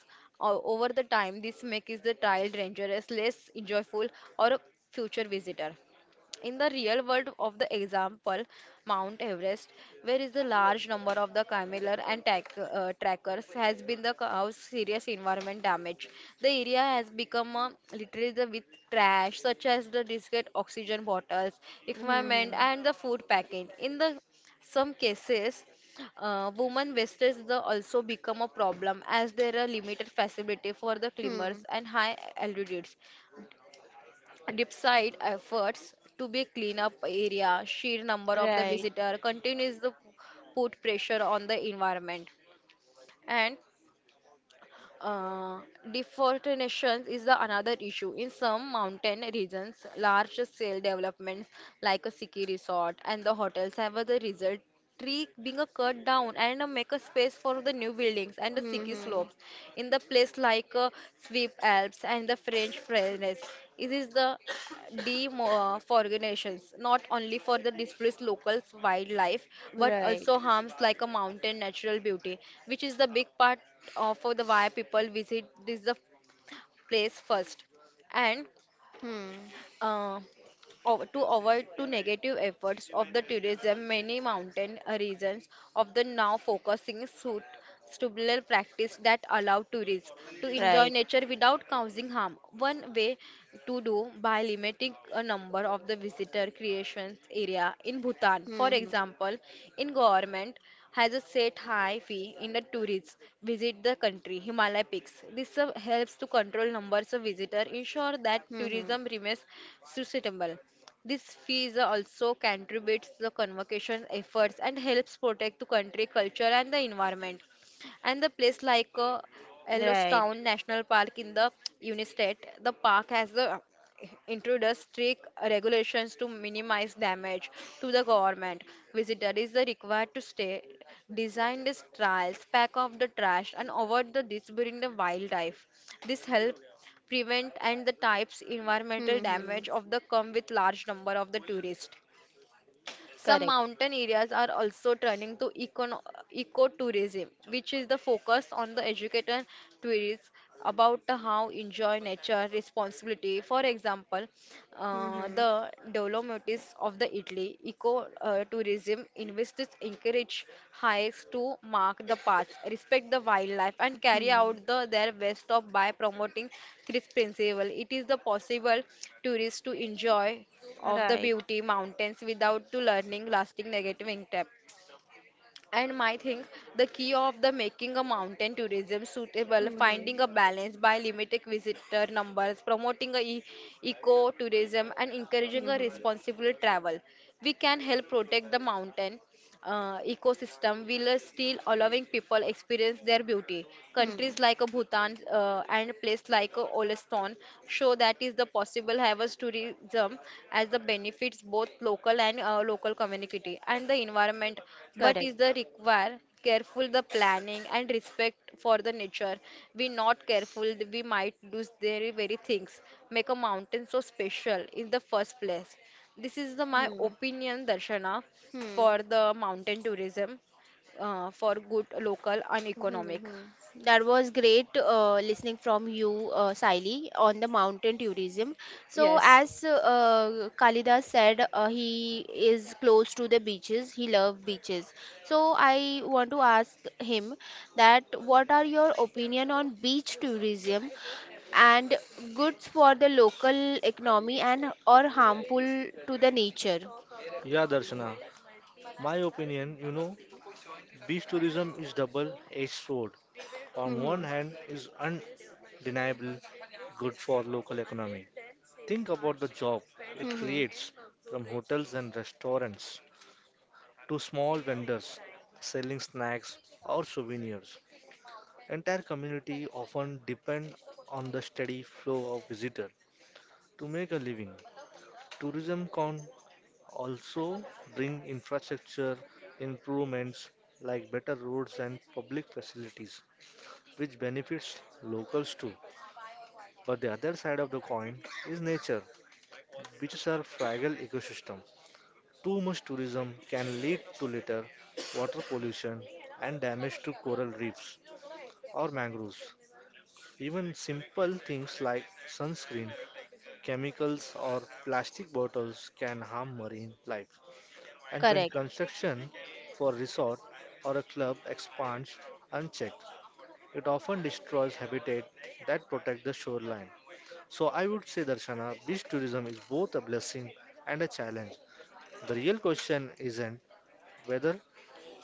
[SPEAKER 2] O- Over the time, this makes the trial dangerous, less enjoyable, or a future visitor. In the real world of the example, Mount Everest, where is the large number of the cameler and tack, uh, trackers has been the cause serious environment damage. The area has become uh, littered with trash such as the discarded oxygen bottles, equipment,
[SPEAKER 1] Hmm.
[SPEAKER 2] and the food packing. In the some cases, uh, women wastage the also become a problem as there are limited facility for the
[SPEAKER 1] Hmm.
[SPEAKER 2] climbers and high altitudes despite efforts to be clean up area sheer number of the
[SPEAKER 1] Right.
[SPEAKER 2] visitor continues to put pressure on the environment. And uh, deforestation is the another issue in some mountain regions large scale developments like a ski resort and the hotels have the result tree being a cut down and uh, make a space for the new buildings and the ski
[SPEAKER 1] Hmm.
[SPEAKER 2] slopes in the place like uh, Swift Alps and the French Pyrenees. It is the D E M uh, for organizations, not only for the displaced local wildlife, but
[SPEAKER 1] Right.
[SPEAKER 2] also harms like a mountain natural beauty, which is the big part of the why people visit this the place first. And
[SPEAKER 1] Hmm.
[SPEAKER 2] uh, Ov- to avoid to negative efforts of the tourism, many mountain regions of the now focusing suit stubble practice that allow tourists to enjoy
[SPEAKER 1] Right.
[SPEAKER 2] nature without causing harm. One way to do by limiting a number of the visitor creations area in Bhutan. For
[SPEAKER 1] Hmm.
[SPEAKER 2] example, in government has a set high fee in the tourists visit the country Himalaya peaks. This uh, helps to control numbers of visitors, ensure that
[SPEAKER 1] Hmm.
[SPEAKER 2] tourism remains sustainable. This fees also contributes the conservation efforts and helps protect the country culture and the environment. And the place like uh,
[SPEAKER 1] Right.
[SPEAKER 2] Yellowstone National Park in the United States, the park has the introduced strict regulations to minimize damage to the government. Visitor is the required to stay, design the trails, pack off the trash, and avoid the disturbing the wildlife. This helps prevent and the types environmental damage
[SPEAKER 1] Hmm.
[SPEAKER 2] of the come with large number of the tourists. Some
[SPEAKER 1] Correct.
[SPEAKER 2] mountain areas are also turning to econo- ecotourism, which is the focus on the educated tourists about how enjoy nature responsibility. For example, uh,
[SPEAKER 1] Hmm.
[SPEAKER 2] the Dolomites of the Italy eco uh, tourism investors encourage hikes to mark the paths, respect the wildlife, and carry
[SPEAKER 1] Hmm.
[SPEAKER 2] out the their best of by promoting this principle. It is the possible tourists to enjoy of the
[SPEAKER 1] Right.
[SPEAKER 2] beauty mountains without to learning lasting negative impact. And my think the key of the making a mountain tourism suitable
[SPEAKER 1] Hmm.
[SPEAKER 2] finding a balance by limiting visitor numbers promoting a e- eco tourism and encouraging a
[SPEAKER 1] Hmm.
[SPEAKER 2] responsible travel we can help protect the mountain uh, ecosystem while still allowing people experience their beauty. Countries
[SPEAKER 1] Hmm.
[SPEAKER 2] like uh, Bhutan uh, and place like uh, on show that is the possible harvest tourism as the benefits both local and uh, local community and the environment, but is
[SPEAKER 1] Correct.
[SPEAKER 2] the require careful the planning and respect for the nature. We not careful we might lose their very things make a mountain so special in the first place. This is the my
[SPEAKER 1] Hmm.
[SPEAKER 2] opinion, Darshana, for
[SPEAKER 1] Hmm.
[SPEAKER 2] the mountain tourism uh, for good local and economic.
[SPEAKER 1] Hmm. That was great uh, listening from you, uh, Saili, on the mountain tourism. So,
[SPEAKER 2] Yes.
[SPEAKER 1] as uh, Kalidas said, uh, he is close to the beaches. He loves beaches. So, I want to ask him that what are your opinion on beach tourism and goods for the local economy and or harmful to the nature?
[SPEAKER 3] Yeah, Darshana, my opinion, you know, beach tourism is double-edged sword. On one
[SPEAKER 1] Mm-hmm.
[SPEAKER 3] hand is undeniable good for local economy. Think about the job it
[SPEAKER 1] Mm-hmm.
[SPEAKER 3] creates from hotels and restaurants to small vendors selling snacks or souvenirs. Entire community often depend on the steady flow of visitors to make a living. Tourism can also bring infrastructure improvements like better roads and public facilities, which benefits locals too. But the other side of the coin is nature, which is our fragile ecosystem. Too much tourism can lead to litter, water pollution, and damage to coral reefs or mangroves. Even simple things like sunscreen, chemicals, or plastic bottles can harm marine life. And when
[SPEAKER 1] Correct.
[SPEAKER 3] construction for resort or a club expands unchecked, it often destroys habitat that protect the shoreline. So I would say, Darshana, beach tourism is both a blessing and a challenge. The real question isn't whether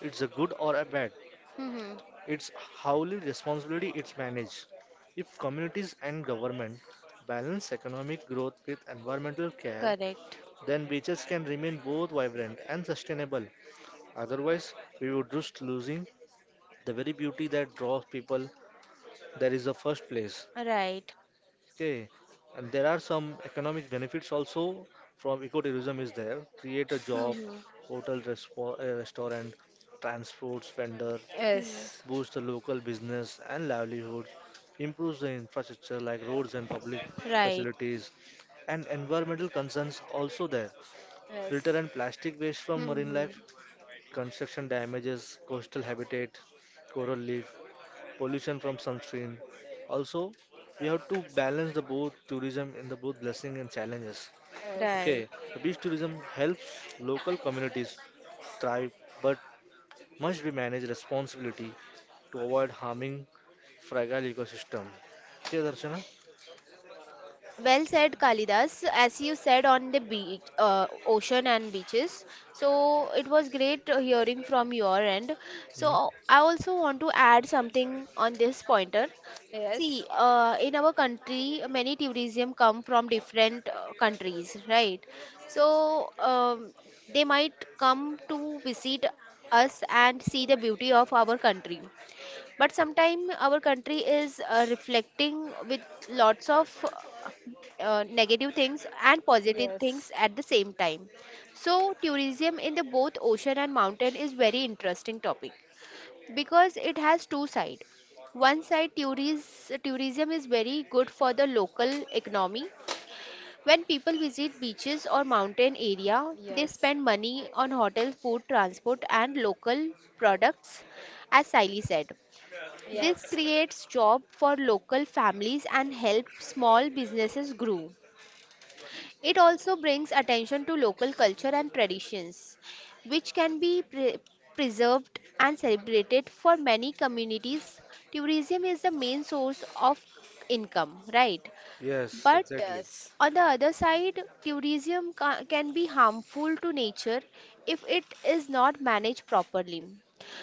[SPEAKER 3] it's a good or a bad,
[SPEAKER 1] Mm-hmm.
[SPEAKER 3] it's how li- responsibility it's managed. If communities and government balance economic growth with environmental care,
[SPEAKER 1] Correct.
[SPEAKER 3] then beaches can remain both vibrant and sustainable. Otherwise, we would risk losing the very beauty that draws people there is the first place.
[SPEAKER 1] Right.
[SPEAKER 3] Okay, and there are some economic benefits also from ecotourism is there. Create a job,
[SPEAKER 1] Mm-hmm.
[SPEAKER 3] hotel, respo- uh, restaurant, transports vendor,
[SPEAKER 1] Hmm.
[SPEAKER 2] Yes,
[SPEAKER 3] boost the local business and livelihoods, improves the infrastructure like roads and public
[SPEAKER 1] Right.
[SPEAKER 3] facilities, and environmental concerns also there. Litter
[SPEAKER 2] yes.
[SPEAKER 3] and plastic waste from marine
[SPEAKER 1] Hmm.
[SPEAKER 3] life, construction damages, coastal habitat, coral reef, pollution from sunscreen. Also, we have to balance the both tourism and the both blessing and challenges.
[SPEAKER 2] Yes,
[SPEAKER 1] Right.
[SPEAKER 3] Okay, the beach tourism helps local communities thrive, but must be managed responsibility to avoid harming fragile ecosystem. Okay, Darshana?
[SPEAKER 1] Well said, Kalidas. As you said on the beach, uh, ocean and beaches. So it was great uh, hearing from your end.
[SPEAKER 3] Hmm?
[SPEAKER 1] So I also want to add something on this pointer. See,
[SPEAKER 2] yes,
[SPEAKER 1] uh, in our country, many tourism come from different uh, countries, right? So um, they might come to visit us and see the beauty of our country. But sometimes our country is uh, reflecting with lots of uh, negative things and positive things
[SPEAKER 2] yes,
[SPEAKER 1] at the same time. So tourism in the both ocean and mountain is very interesting topic because it has two side. One side, tourism tourism is very good for the local economy. When people visit beaches or mountain area, they
[SPEAKER 2] yes,
[SPEAKER 1] spend money on hotel, food, transport and local products, as Siley said. This
[SPEAKER 2] yes,
[SPEAKER 1] creates job for local families and helps small businesses grow. It also brings attention to local culture and traditions, which can be pre- preserved and celebrated for many communities. Tourism is the main source of income, right?
[SPEAKER 3] Yes,
[SPEAKER 1] But
[SPEAKER 3] exactly.
[SPEAKER 2] yes,
[SPEAKER 1] on the other side, tourism ca- can be harmful to nature if it is not managed properly.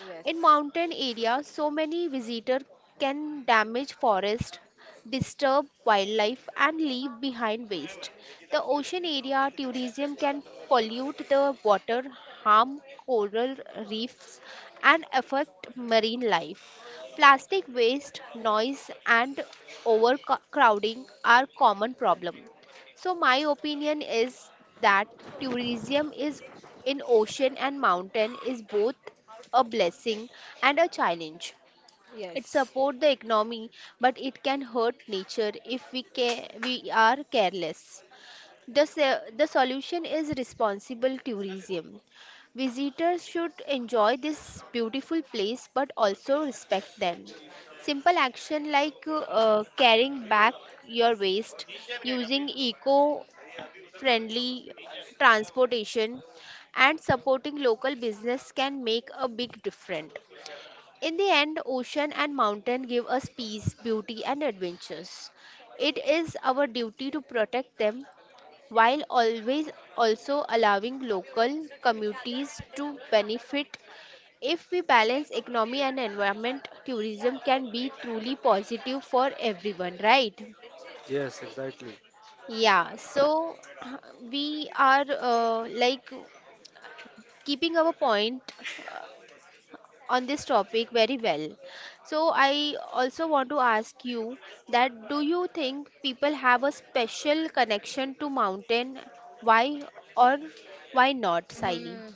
[SPEAKER 2] yes,
[SPEAKER 1] In mountain areas, so many visitors can damage forest, disturb wildlife, and leave behind waste. The ocean area tourism can pollute the water, harm coral reefs, and affect marine life. Plastic waste, noise, and overcrowding are common problems. So my opinion is that tourism is in ocean and mountain is both a blessing and a challenge. It
[SPEAKER 2] yes.
[SPEAKER 1] supports the economy, but it can hurt nature if we care, we are careless. The, se- the solution is responsible tourism. Visitors should enjoy this beautiful place but also respect them. Simple action like uh, carrying back your waste, using eco friendly transportation and supporting local business can make a big difference. In the end, ocean and mountain give us peace, beauty, and adventures. It is our duty to protect them while always also allowing local communities to benefit. If we balance economy and environment, tourism can be truly positive for everyone, right?
[SPEAKER 3] Yes, exactly.
[SPEAKER 1] Yeah, so [CLEARS THROAT] we are uh, like keeping our point on this topic very well, so I also want to ask you that do you think people have a special connection to mountain? Why or why not, Siley?
[SPEAKER 2] Mm,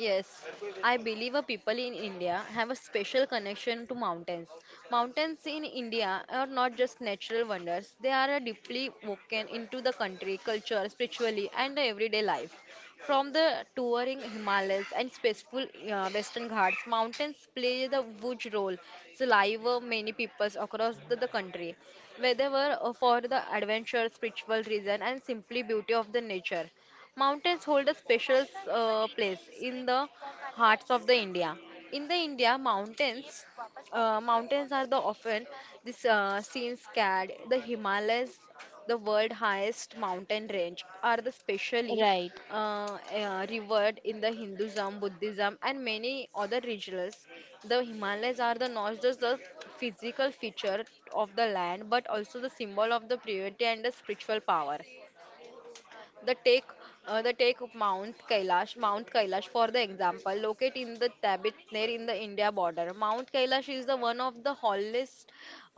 [SPEAKER 2] yes, I believe a people in India have a special connection to mountains. Mountains in India are not just natural wonders, they are a deeply woven into the country, culture, spiritually, and the everyday life. From the touring Himalayas and peaceful uh, Western Ghats, mountains play the huge role in the life many peoples across the, the country, whether uh, for the adventure, spiritual reason, and simply beauty of the nature. Mountains hold a special uh, place in the hearts of the India. In the India, mountains uh, mountains are the often this uh, seen scared. The Himalayas, the world highest mountain range, are the specially
[SPEAKER 1] Right,
[SPEAKER 2] uh, uh, revered in the Hinduism, Buddhism, and many other religions. The Himalayas are the not just the physical feature of the land, but also the symbol of the purity and the spiritual power. The take, uh, the take of Mount Kailash, Mount Kailash, for the example, located in the Tibet near in the India border. Mount Kailash is the one of the tallest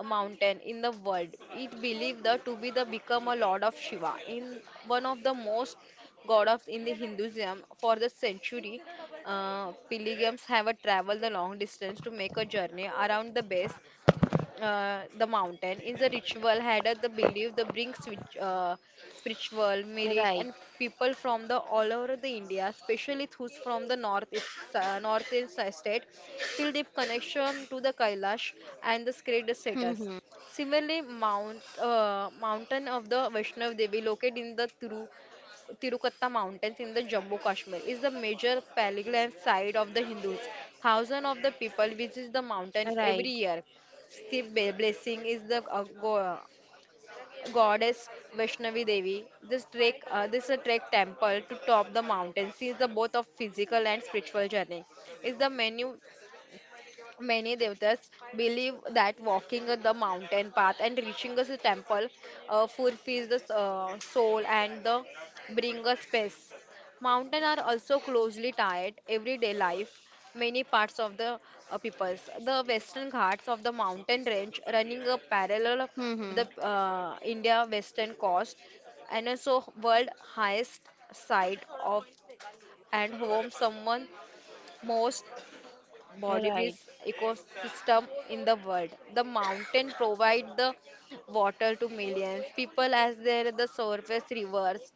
[SPEAKER 2] mountain in the world. It believed the, to be the become a lord of Shiva, in one of the most god of in the Hinduism for the century. Uh, pilgrims have a traveled the long distance to make a journey around the base uh, the mountain is a ritual had at the belief the brings which uh, spiritual merit,
[SPEAKER 1] right,
[SPEAKER 2] and people from the all over the India, especially those from the north east- uh, northern state, feel deep connection to the Kailash and the sacred status.
[SPEAKER 1] hmm,
[SPEAKER 2] Similarly, Mount uh, mountain of the Vaishnav Devi, located in the Tiru Tirukata Mountains in the Jammu Kashmir, is the major pilgrim site of the Hindus. Thousands of the people visit the mountain every
[SPEAKER 1] right,
[SPEAKER 2] year. Step Be- Blessing is the uh, go- goddess Vaishnavi Devi. This trek, uh, this a trek temple to top the mountain. Since the both of physical and spiritual journey, is the menu. Many devatas believe that walking the mountain path and reaching the temple uh, fulfills the uh, soul and the bring us peace. Mountains are also closely tied everyday life. Many parts of the uh, peoples, the western ghats of the mountain range, running a parallel of
[SPEAKER 1] hmm,
[SPEAKER 2] the uh, India western coast, and also world highest site of and home someone most
[SPEAKER 1] right,
[SPEAKER 2] Bolivar's ecosystem in the world. The mountain provide the water to millions people as there the surface rivers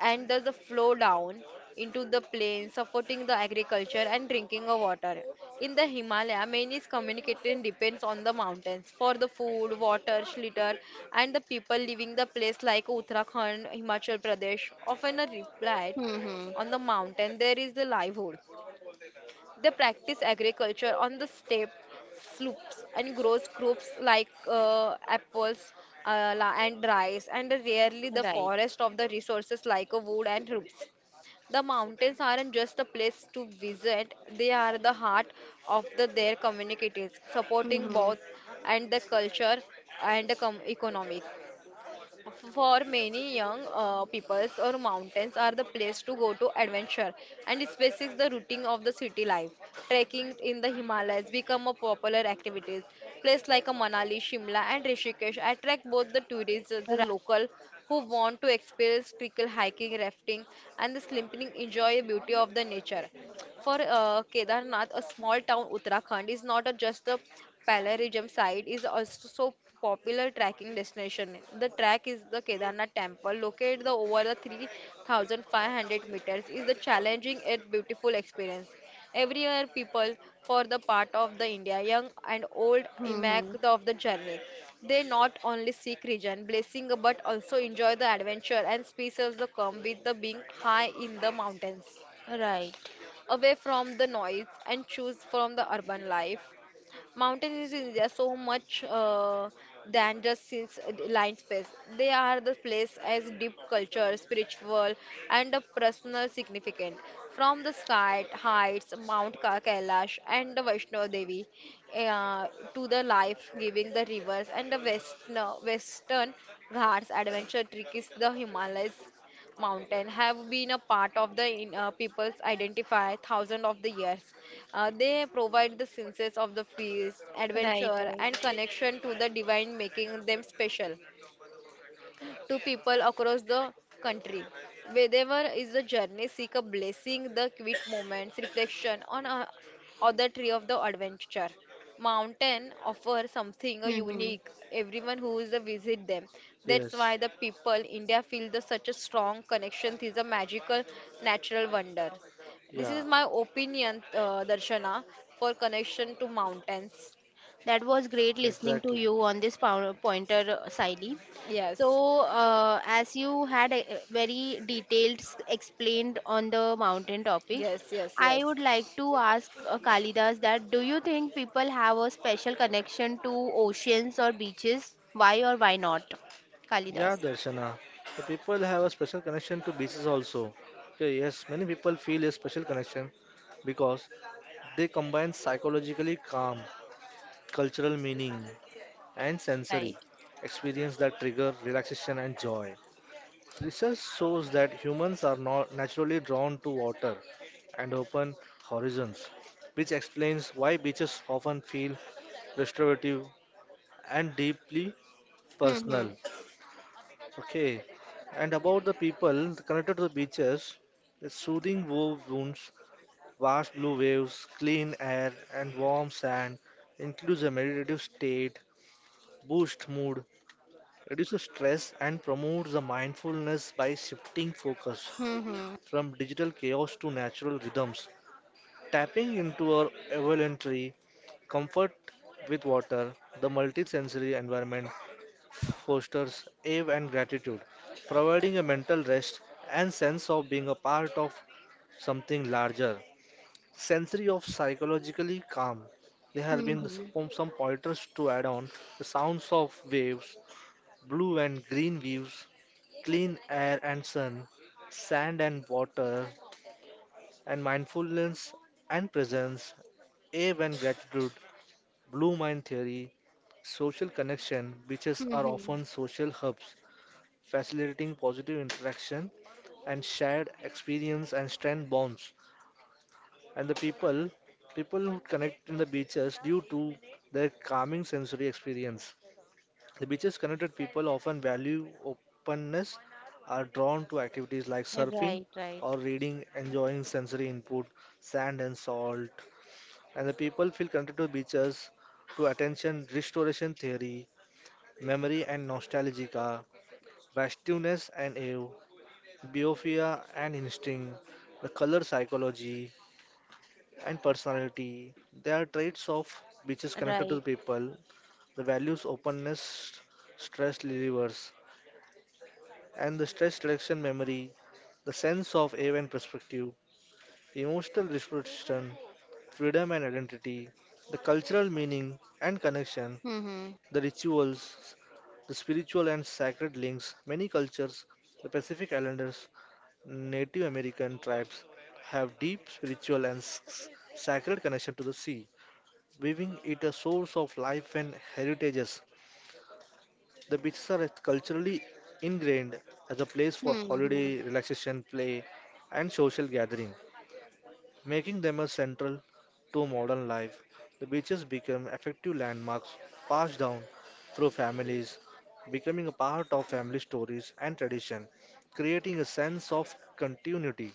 [SPEAKER 2] and does the flow down into the plains, supporting the agriculture and drinking of water. In the Himalaya, many communication depends on the mountains for the food, water, shelter, and the people living the place like Uttarakhand, Himachal Pradesh often a reply
[SPEAKER 1] hmm, right,
[SPEAKER 2] on the mountain there is the livelihood. They practice agriculture on the steppe, slopes, and grows crops like uh, apples uh, la- and rice, and rarely
[SPEAKER 1] hmm,
[SPEAKER 2] the
[SPEAKER 1] right,
[SPEAKER 2] forest of the resources like uh, wood and roots. The mountains aren't just a place to visit, they are the heart of the, their communities, supporting
[SPEAKER 1] hmm,
[SPEAKER 2] both and the culture and the com- economic. For many young uh, peoples or mountains are the place to go to adventure and it spaces the routine of the city life. Trekking in the Himalayas become a popular activities. Places like a Manali, Shimla and Rishikesh attract both the tourists and the local who want to experience trickle hiking, rafting and the slimping enjoy the beauty of the nature. For uh, Kedarnath, a small town Uttarakhand is not a- just a pilgrimage site, is also so popular trekking destination. The track is the Kedarnath temple, located the over the three thousand five hundred meters, is the challenging yet beautiful experience. Every year, people for the part of the India, young and old, emerge of the journey. They not only seek region blessing but also enjoy the adventure and spaces that come with the being high in the mountains
[SPEAKER 1] right,
[SPEAKER 2] away from the noise and choose from the urban life. Mountains in India so much uh, than just since uh, the line space. They are the place as deep culture, spiritual, and a personal significant. From the sky heights, Mount Ka- Kailash and the Vaishno Devi, uh, to the life-giving the rivers and the west, no, western Ghats adventure trick is the Himalayas mountain have been a part of the in- uh, people's identify thousands of the years. Uh, they provide the senses of the feast,
[SPEAKER 1] right,
[SPEAKER 2] adventure, and
[SPEAKER 1] right.
[SPEAKER 2] connection to the divine, making them special to people across the country. Wherever is the journey, seek a blessing, the quick moments, reflection on a, or the tree of the adventure. Mountain offer something
[SPEAKER 1] Hmm.
[SPEAKER 2] unique. Everyone who is a visit them. That's why
[SPEAKER 3] Yes.
[SPEAKER 2] the people India feel the such a strong connection to the magical natural wonders. This
[SPEAKER 3] Yeah.
[SPEAKER 2] is my opinion, uh, Darshana, for connection to mountains.
[SPEAKER 1] That was great listening to
[SPEAKER 3] Exactly.
[SPEAKER 1] you on this pow- pointer, Siley.
[SPEAKER 2] Yes,
[SPEAKER 1] So, uh, as you had a a very detailed s- explained on the mountain topic,
[SPEAKER 2] yes, yes,
[SPEAKER 1] I
[SPEAKER 2] yes,
[SPEAKER 1] would like to ask uh, Kalidas that do you think people have a special connection to oceans or beaches? Why or why not?
[SPEAKER 3] Yeah,
[SPEAKER 1] Kalidas.
[SPEAKER 3] Darshana. The people have a special connection to beaches also. Okay, yes, many people feel a special connection because they combine psychologically calm, cultural meaning, and
[SPEAKER 1] Right.
[SPEAKER 3] sensory experience that trigger relaxation and joy. Research shows that humans are not naturally drawn to water and open horizons, which explains why beaches often feel restorative and deeply
[SPEAKER 1] Hmm. Hmm.
[SPEAKER 3] personal. Okay, and about the people connected to the beaches, the soothing wove wounds, vast blue waves, clean air, and warm sand includes a meditative state, boosts mood, reduces stress, and promotes the mindfulness by shifting focus
[SPEAKER 1] Hmm.
[SPEAKER 3] from digital chaos to natural rhythms. Tapping into our voluntary comfort with water, the multisensory environment fosters awe and gratitude, providing a mental rest and sense of being a part of something larger. Sensory of psychologically calm. There have
[SPEAKER 1] Hmm.
[SPEAKER 3] been
[SPEAKER 1] Hmm.
[SPEAKER 3] some some pointers to add on the sounds of waves, blue and green views, clean air and sun, sand and water, and mindfulness and presence, awe and gratitude, blue mind theory, social connection, beaches
[SPEAKER 1] Hmm.
[SPEAKER 3] are
[SPEAKER 1] Hmm.
[SPEAKER 3] often social hubs, facilitating positive interaction and shared experience and strength bonds. And the people, people who connect in the beaches due to their calming sensory experience. The beaches connected people often value openness, are drawn to activities like surfing
[SPEAKER 1] Right, right,
[SPEAKER 3] or reading, enjoying sensory input, sand and salt. And the people feel connected to beaches to attention restoration theory, memory and nostalgia, vastueness and awe, biophia and instinct, the color psychology, and personality. They are traits of which is connected to the
[SPEAKER 1] right.
[SPEAKER 3] people, the values, openness, stress relievers, and the stress reduction memory, the sense of awe and perspective, emotional expression, freedom and identity, the cultural meaning and connection,
[SPEAKER 1] Hmm.
[SPEAKER 3] the rituals, the spiritual and sacred links. Many cultures, the Pacific Islanders, Native American tribes, have deep spiritual and s- sacred connection to the sea, weaving it a source of life and heritages. The beaches are culturally ingrained as a place for
[SPEAKER 1] Hmm. Hmm.
[SPEAKER 3] holiday, relaxation, play, and social gathering, making them a central to modern life. The beaches become effective landmarks passed down through families, becoming a part of family stories and tradition, creating a sense of continuity.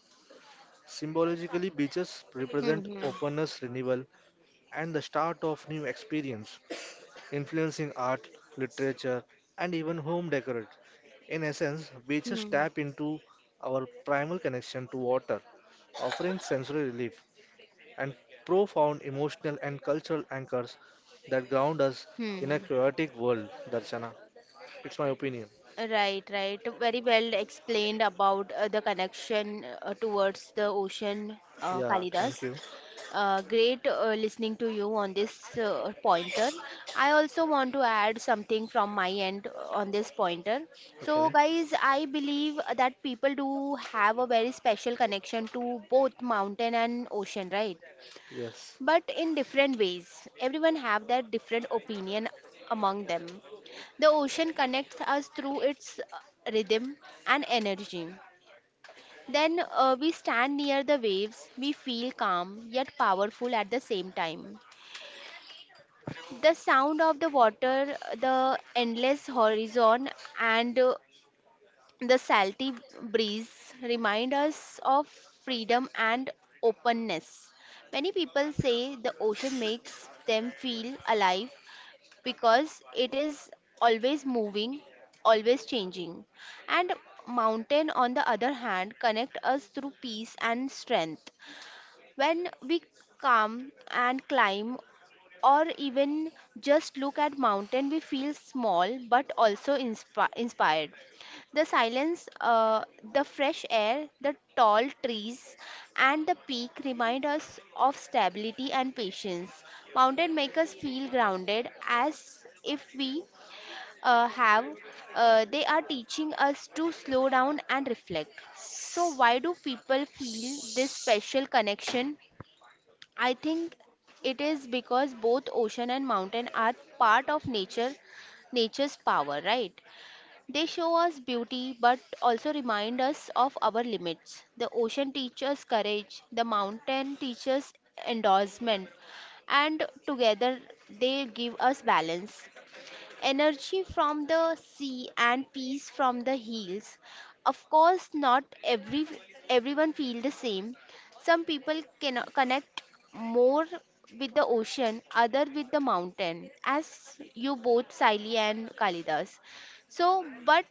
[SPEAKER 3] Symbolically, beaches represent
[SPEAKER 1] Hmm.
[SPEAKER 3] openness, renewal, and the start of new experience influencing art, literature, and even home decor. In essence, beaches
[SPEAKER 1] Hmm.
[SPEAKER 3] tap into our primal connection to water, offering sensory relief and profound emotional and cultural anchors that ground us in a
[SPEAKER 1] Hmm.
[SPEAKER 3] chaotic world, Darshana. It's my opinion.
[SPEAKER 1] Right, right. Very well explained about uh, the connection uh, towards the ocean, uh,
[SPEAKER 3] Yeah,
[SPEAKER 1] Kalidas.
[SPEAKER 3] thank you.
[SPEAKER 1] Uh, great uh, listening to you on this uh, pointer. I also want to add something from my end uh, on this pointer. So,
[SPEAKER 3] Okay,
[SPEAKER 1] guys, I believe that people do have a very special connection to both mountain and ocean, right?
[SPEAKER 3] yes.
[SPEAKER 1] But in different ways. Everyone have their different opinion among them. The ocean connects us through its uh, rhythm and energy. Then uh, we stand near the waves, we feel calm yet powerful at the same time. The sound of the water, the endless horizon, and uh, the salty breeze remind us of freedom and openness. Many people say the ocean makes them feel alive because it is always moving, always changing. And mountain on the other hand connect us through peace and strength. When we come and climb or even just look at mountain, we feel small but also inspi- inspired. The silence, uh, the fresh air, the tall trees, and the peak remind us of stability and patience. Mountain make us feel grounded, as if we uh, have, uh, they are teaching us to slow down and reflect. So, why do people feel this special connection? I think it is because both ocean and mountain are part of nature, nature's power, right? They show us beauty but also remind us of our limits. The ocean teaches courage, the mountain teaches endorsement, and together they give us balance. Energy from the sea and peace from the hills. Of course, not every everyone feel the same. Some people can connect more with the ocean, other with the mountain, as you both Siley and Kalidas. So, but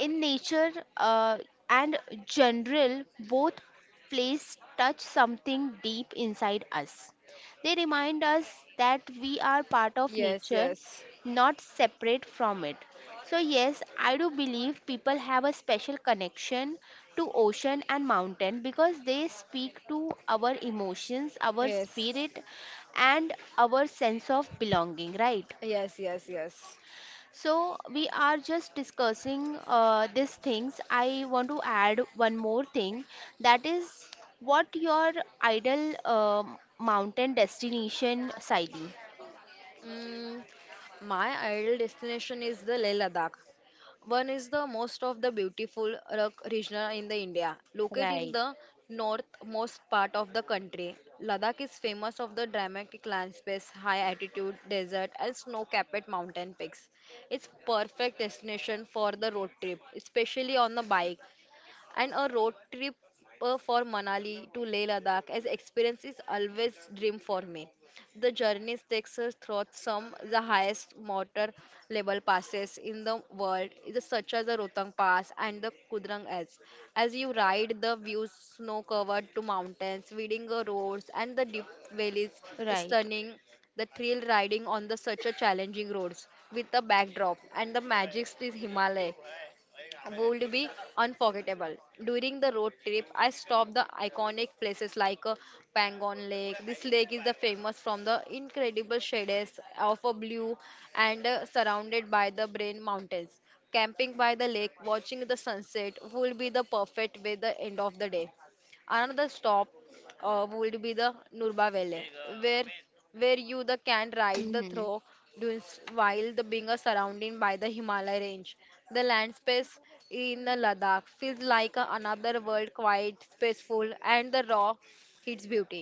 [SPEAKER 1] in nature uh, and general, both places touch something deep inside us. They remind us that we are part of
[SPEAKER 2] yes,
[SPEAKER 1] nature,
[SPEAKER 2] yes,
[SPEAKER 1] not separate from it. So yes, I do believe people have a special connection to ocean and mountain because they speak to our emotions, our
[SPEAKER 2] yes.
[SPEAKER 1] spirit, and our sense of belonging, right?
[SPEAKER 2] Yes, yes, yes.
[SPEAKER 1] So we are just discussing uh, these things. I want to add one more thing, that is, what your ideal um mountain destination, Siley.
[SPEAKER 2] Mm, my ideal destination is the Leh Ladakh. One is the most of the beautiful rock region in the India, located in
[SPEAKER 1] Right,
[SPEAKER 2] the northmost part of the country. Ladakh is famous of the dramatic landscapes, high altitude desert, and snow-capped mountain peaks. It's perfect destination for the road trip, especially on the bike. And a road trip uh, for Manali to Leh Ladakh as experience is always dream for me. The journey takes us through some the highest motor level passes in the world, is such as the Rohtang Pass and the Kudrang As. As you ride, the views snow-covered to mountains, Vidinga roads, and the deep valleys is
[SPEAKER 1] right.
[SPEAKER 2] stunning the thrill riding on the such a challenging roads with the backdrop and the magic is Himalaya would be unforgettable. During the road trip, I stopped the iconic places like uh, Pangon Lake. This lake is the famous from the incredible shades of a blue and uh, surrounded by the Brain Mountains. Camping by the lake, watching the sunset would be the perfect way the end of the day. Another stop uh, would be the Nurba Valley, where where you the can ride the
[SPEAKER 1] Mm-hmm.
[SPEAKER 2] through dunes while the being surrounded by the Himalaya range. The landscape in the Ladakh feels like a another world, quite peaceful and the raw its beauty.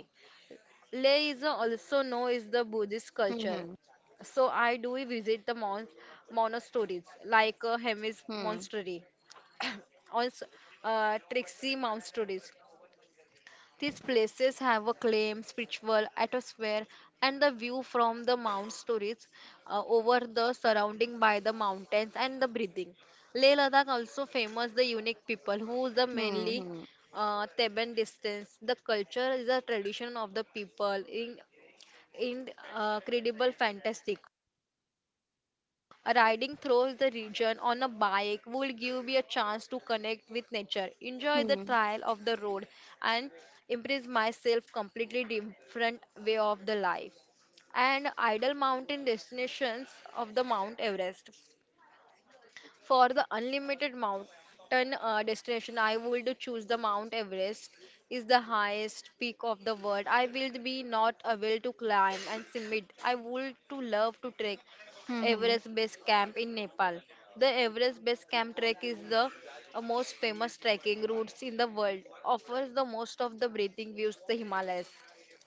[SPEAKER 2] Leh is also known as the Buddhist culture.
[SPEAKER 1] Mm-hmm.
[SPEAKER 2] So I do visit the mon- monasteries like uh, Hemis
[SPEAKER 1] Hmm.
[SPEAKER 2] Monastery [COUGHS] also uh, Trixie Monasteries. These places have a claim spiritual atmosphere, and the view from the Mount Stories uh, over the surrounding by the mountains and the breathing. Leh Ladakh also famous the unique people who is the
[SPEAKER 1] Hmm.
[SPEAKER 2] mainly
[SPEAKER 1] Hmm.
[SPEAKER 2] uh, Theban distance. The culture is a tradition of the people in incredible fantastic. Riding through the region on a bike will give me a chance to connect with nature, enjoy the
[SPEAKER 1] Hmm.
[SPEAKER 2] trial of the road, and impress myself completely different way of the life. And ideal mountain destinations of the Mount Everest. For the unlimited mountain uh, destination, I would choose the Mount Everest. Is the highest peak of the world. I will be not able to climb and summit. I would to love to trek
[SPEAKER 1] Hmm.
[SPEAKER 2] Everest Base Camp in Nepal. The Everest Base Camp trek is the uh, most famous trekking routes in the world. Offers the most of the breathing views the Himalayas.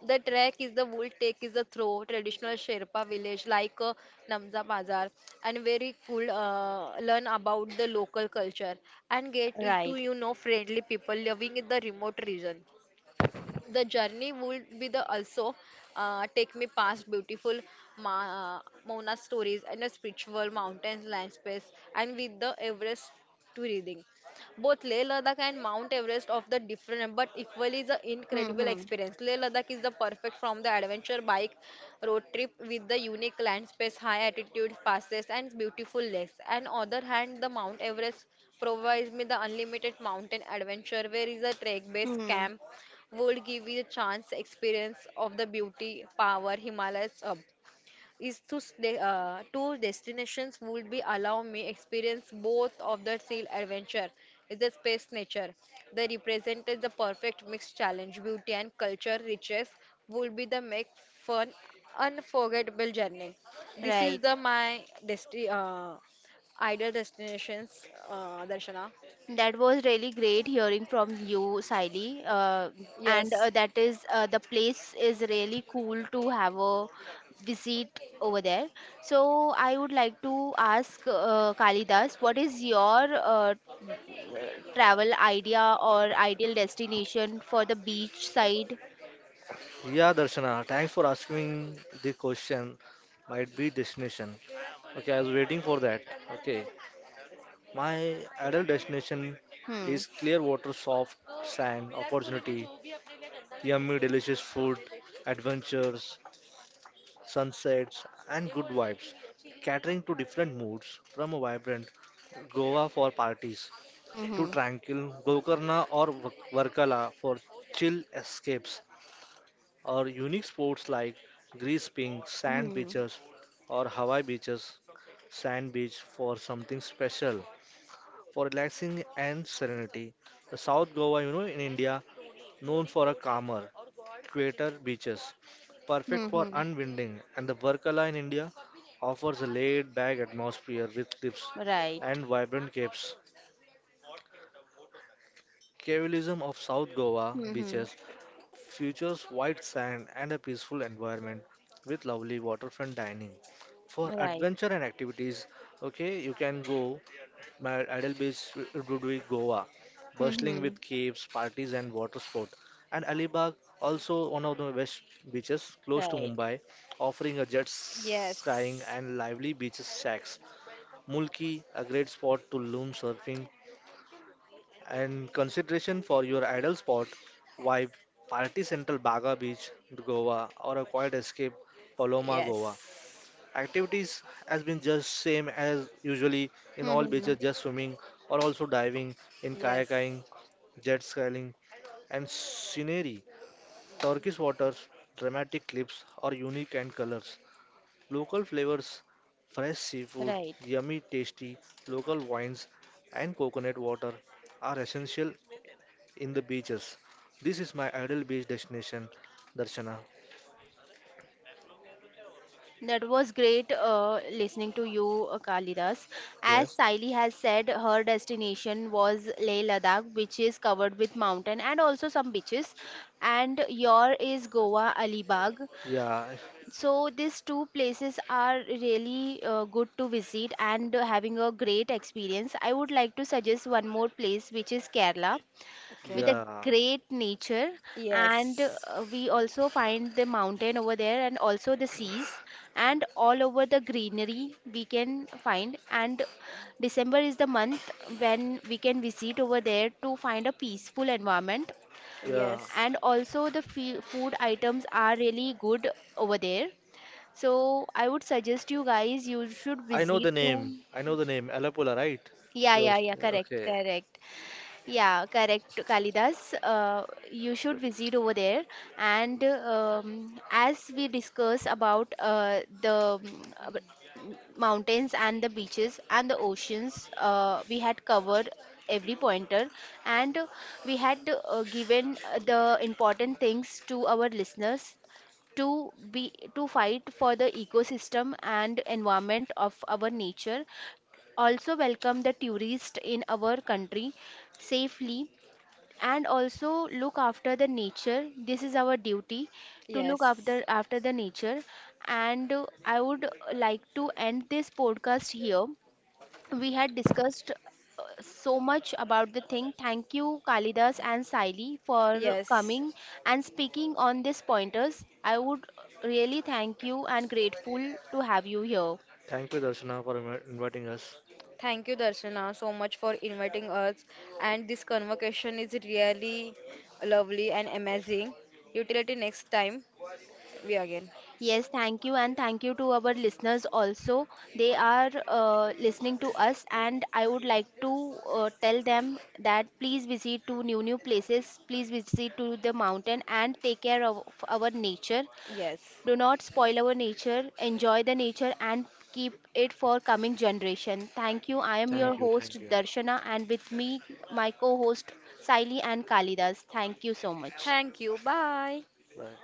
[SPEAKER 2] The trek is the wool take is the throw traditional Sherpa village like uh, Namza Bazar and very cool uh, learn about the local culture and get to
[SPEAKER 1] Right.
[SPEAKER 2] you know friendly people living in the remote region. The journey would be the also uh, take me past beautiful Ma- Mona stories and a spiritual mountains landscapes and with the Everest to reading. Both Leh Ladakh and Mount Everest of the different but equally the
[SPEAKER 1] Hmm.
[SPEAKER 2] incredible
[SPEAKER 1] Hmm.
[SPEAKER 2] experience. Leh Ladakh is the perfect from the adventure bike road trip with the unique landscapes, high altitude passes and beautiful lakes. And other hand, the Mount Everest provides me the unlimited mountain adventure where is a trek based
[SPEAKER 1] Hmm.
[SPEAKER 2] camp would give you a chance experience of the beauty power Himalayas up. Is to stay, uh, two destinations would be allow me experience both of the seal adventure is the space nature. They represented the perfect mixed challenge, beauty and culture riches would be the make fun unforgettable journey. This is
[SPEAKER 1] Right.
[SPEAKER 2] the my desti uh, ideal destinations, uh, Darshana.
[SPEAKER 1] That was really great hearing from you, Siley. Uh, and
[SPEAKER 2] Yes,
[SPEAKER 1] uh, that is uh, the place is really cool to have a visit over there. So I would like to ask uh, Kalidas, what is your uh, travel idea or ideal destination for the beach side?
[SPEAKER 3] Yeah, Darshana, thanks for asking the question. Might be destination. Okay, I was waiting for that. Okay. My ideal destination
[SPEAKER 1] Hmm.
[SPEAKER 3] is clear water, soft sand, opportunity, yummy, delicious food, adventures, sunsets, and good vibes, catering to different moods from a vibrant Goa for parties to
[SPEAKER 1] Hmm.
[SPEAKER 3] tranquil Gokarna or Vak- Varkala for chill escapes, or unique sports like grease pink, sand
[SPEAKER 1] Hmm.
[SPEAKER 3] beaches, or Hawaii beaches, sand beach for something special for relaxing and serenity. The South Goa, you know, in India, known for a calmer, quieter beaches,
[SPEAKER 1] Hmm.
[SPEAKER 3] perfect for
[SPEAKER 1] Hmm.
[SPEAKER 3] unwinding, and the Varkala in India offers a laid-back atmosphere with cliffs
[SPEAKER 1] Right.
[SPEAKER 3] and vibrant capes. Cavelism of South Goa
[SPEAKER 1] Hmm. Hmm.
[SPEAKER 3] beaches features white sand and a peaceful environment with lovely waterfront dining. For
[SPEAKER 1] Right.
[SPEAKER 3] adventure and activities, okay, you can go. My ideal beach would be Goa,
[SPEAKER 1] Hmm.
[SPEAKER 3] bustling
[SPEAKER 1] Hmm.
[SPEAKER 3] with caves, parties, and water sport. And Alibag, also one of the best beaches close to
[SPEAKER 1] Right.
[SPEAKER 3] Mumbai, offering a jet skiing
[SPEAKER 2] yes,
[SPEAKER 3] and lively beach shacks. Mulki, a great spot to loom surfing. And consideration for your ideal spot, vibe, Party Central Baga Beach, Goa, or a quiet escape, Paloma, Goa.
[SPEAKER 2] yes.
[SPEAKER 3] Activities has been just same as usually in
[SPEAKER 1] Hmm.
[SPEAKER 3] all
[SPEAKER 1] Hmm.
[SPEAKER 3] beaches, just swimming or also diving in
[SPEAKER 2] Yes.
[SPEAKER 3] kayaking, jet skiing, and scenery. Turkish waters, dramatic cliffs are unique and colors. Local flavors, fresh seafood,
[SPEAKER 1] Right.
[SPEAKER 3] yummy tasty local wines, and coconut water are essential in the beaches. This is my ideal beach destination, Darshana.
[SPEAKER 1] That was great uh, listening to you, uh, Kalidas. As
[SPEAKER 3] Yes.
[SPEAKER 1] Saili has said, her destination was Leh Ladakh, which is covered with mountain and also some beaches. And your is Goa, Alibag.
[SPEAKER 3] Yeah.
[SPEAKER 1] So these two places are really uh, good to visit and having a great experience. I would like to suggest one more place, which is Kerala,
[SPEAKER 2] Okay.
[SPEAKER 1] with a
[SPEAKER 3] Yeah.
[SPEAKER 1] great nature, and
[SPEAKER 2] Yes.
[SPEAKER 1] uh, we also find the mountain over there and also the seas, and all over the greenery we can find. And December is the month when we can visit over there to find a peaceful environment,
[SPEAKER 3] Yeah.
[SPEAKER 2] Yes.
[SPEAKER 1] and also the fe- food items are really good over there. So I would suggest you guys, you should
[SPEAKER 3] I know
[SPEAKER 1] visit
[SPEAKER 3] the
[SPEAKER 1] to,
[SPEAKER 3] name. I know the name. Alapula, right?
[SPEAKER 1] yeah, yeah,
[SPEAKER 3] Yours.
[SPEAKER 1] yeah, correct,
[SPEAKER 3] Okay.
[SPEAKER 1] correct, yeah, correct, Kalidas. Uh, you should visit over there. And um, as we discuss about uh, the mm, ab- mountains and the beaches and the oceans, uh, we had covered every pointer, and we had uh, given uh, the important things to our listeners to be to fight for the ecosystem and environment of our nature, also welcome the tourist in our country safely, and also look after the nature. This is our duty to look after
[SPEAKER 2] Yes.
[SPEAKER 1] after the nature. And uh, I would like to end this podcast here. We had discussed uh, so much about the thing. Thank you, Kalidas and Saili, for
[SPEAKER 2] Yes.
[SPEAKER 1] coming and speaking on these pointers. I would really thank you and grateful to have you here.
[SPEAKER 3] Thank you, Darshana, for invi- inviting us.
[SPEAKER 2] Thank you, Darshana, so much for inviting us. And this conversation is really lovely and amazing. Utility next time. We again.
[SPEAKER 1] Yes, thank you, and thank you to our listeners also. They are uh, listening to us, and I would like to uh, tell them that please visit to new new places, please visit to the mountain, and take care of our nature.
[SPEAKER 2] Yes.
[SPEAKER 1] Do not spoil our nature. Enjoy the nature and keep it for coming generation. Thank you. I am your
[SPEAKER 3] Thank
[SPEAKER 2] Yes.
[SPEAKER 3] you.
[SPEAKER 1] host
[SPEAKER 3] Thank you.
[SPEAKER 1] Darshana, and with me my co-host Saili and Kalidas. Thank you so much.
[SPEAKER 2] Thank you. Bye.
[SPEAKER 3] Bye.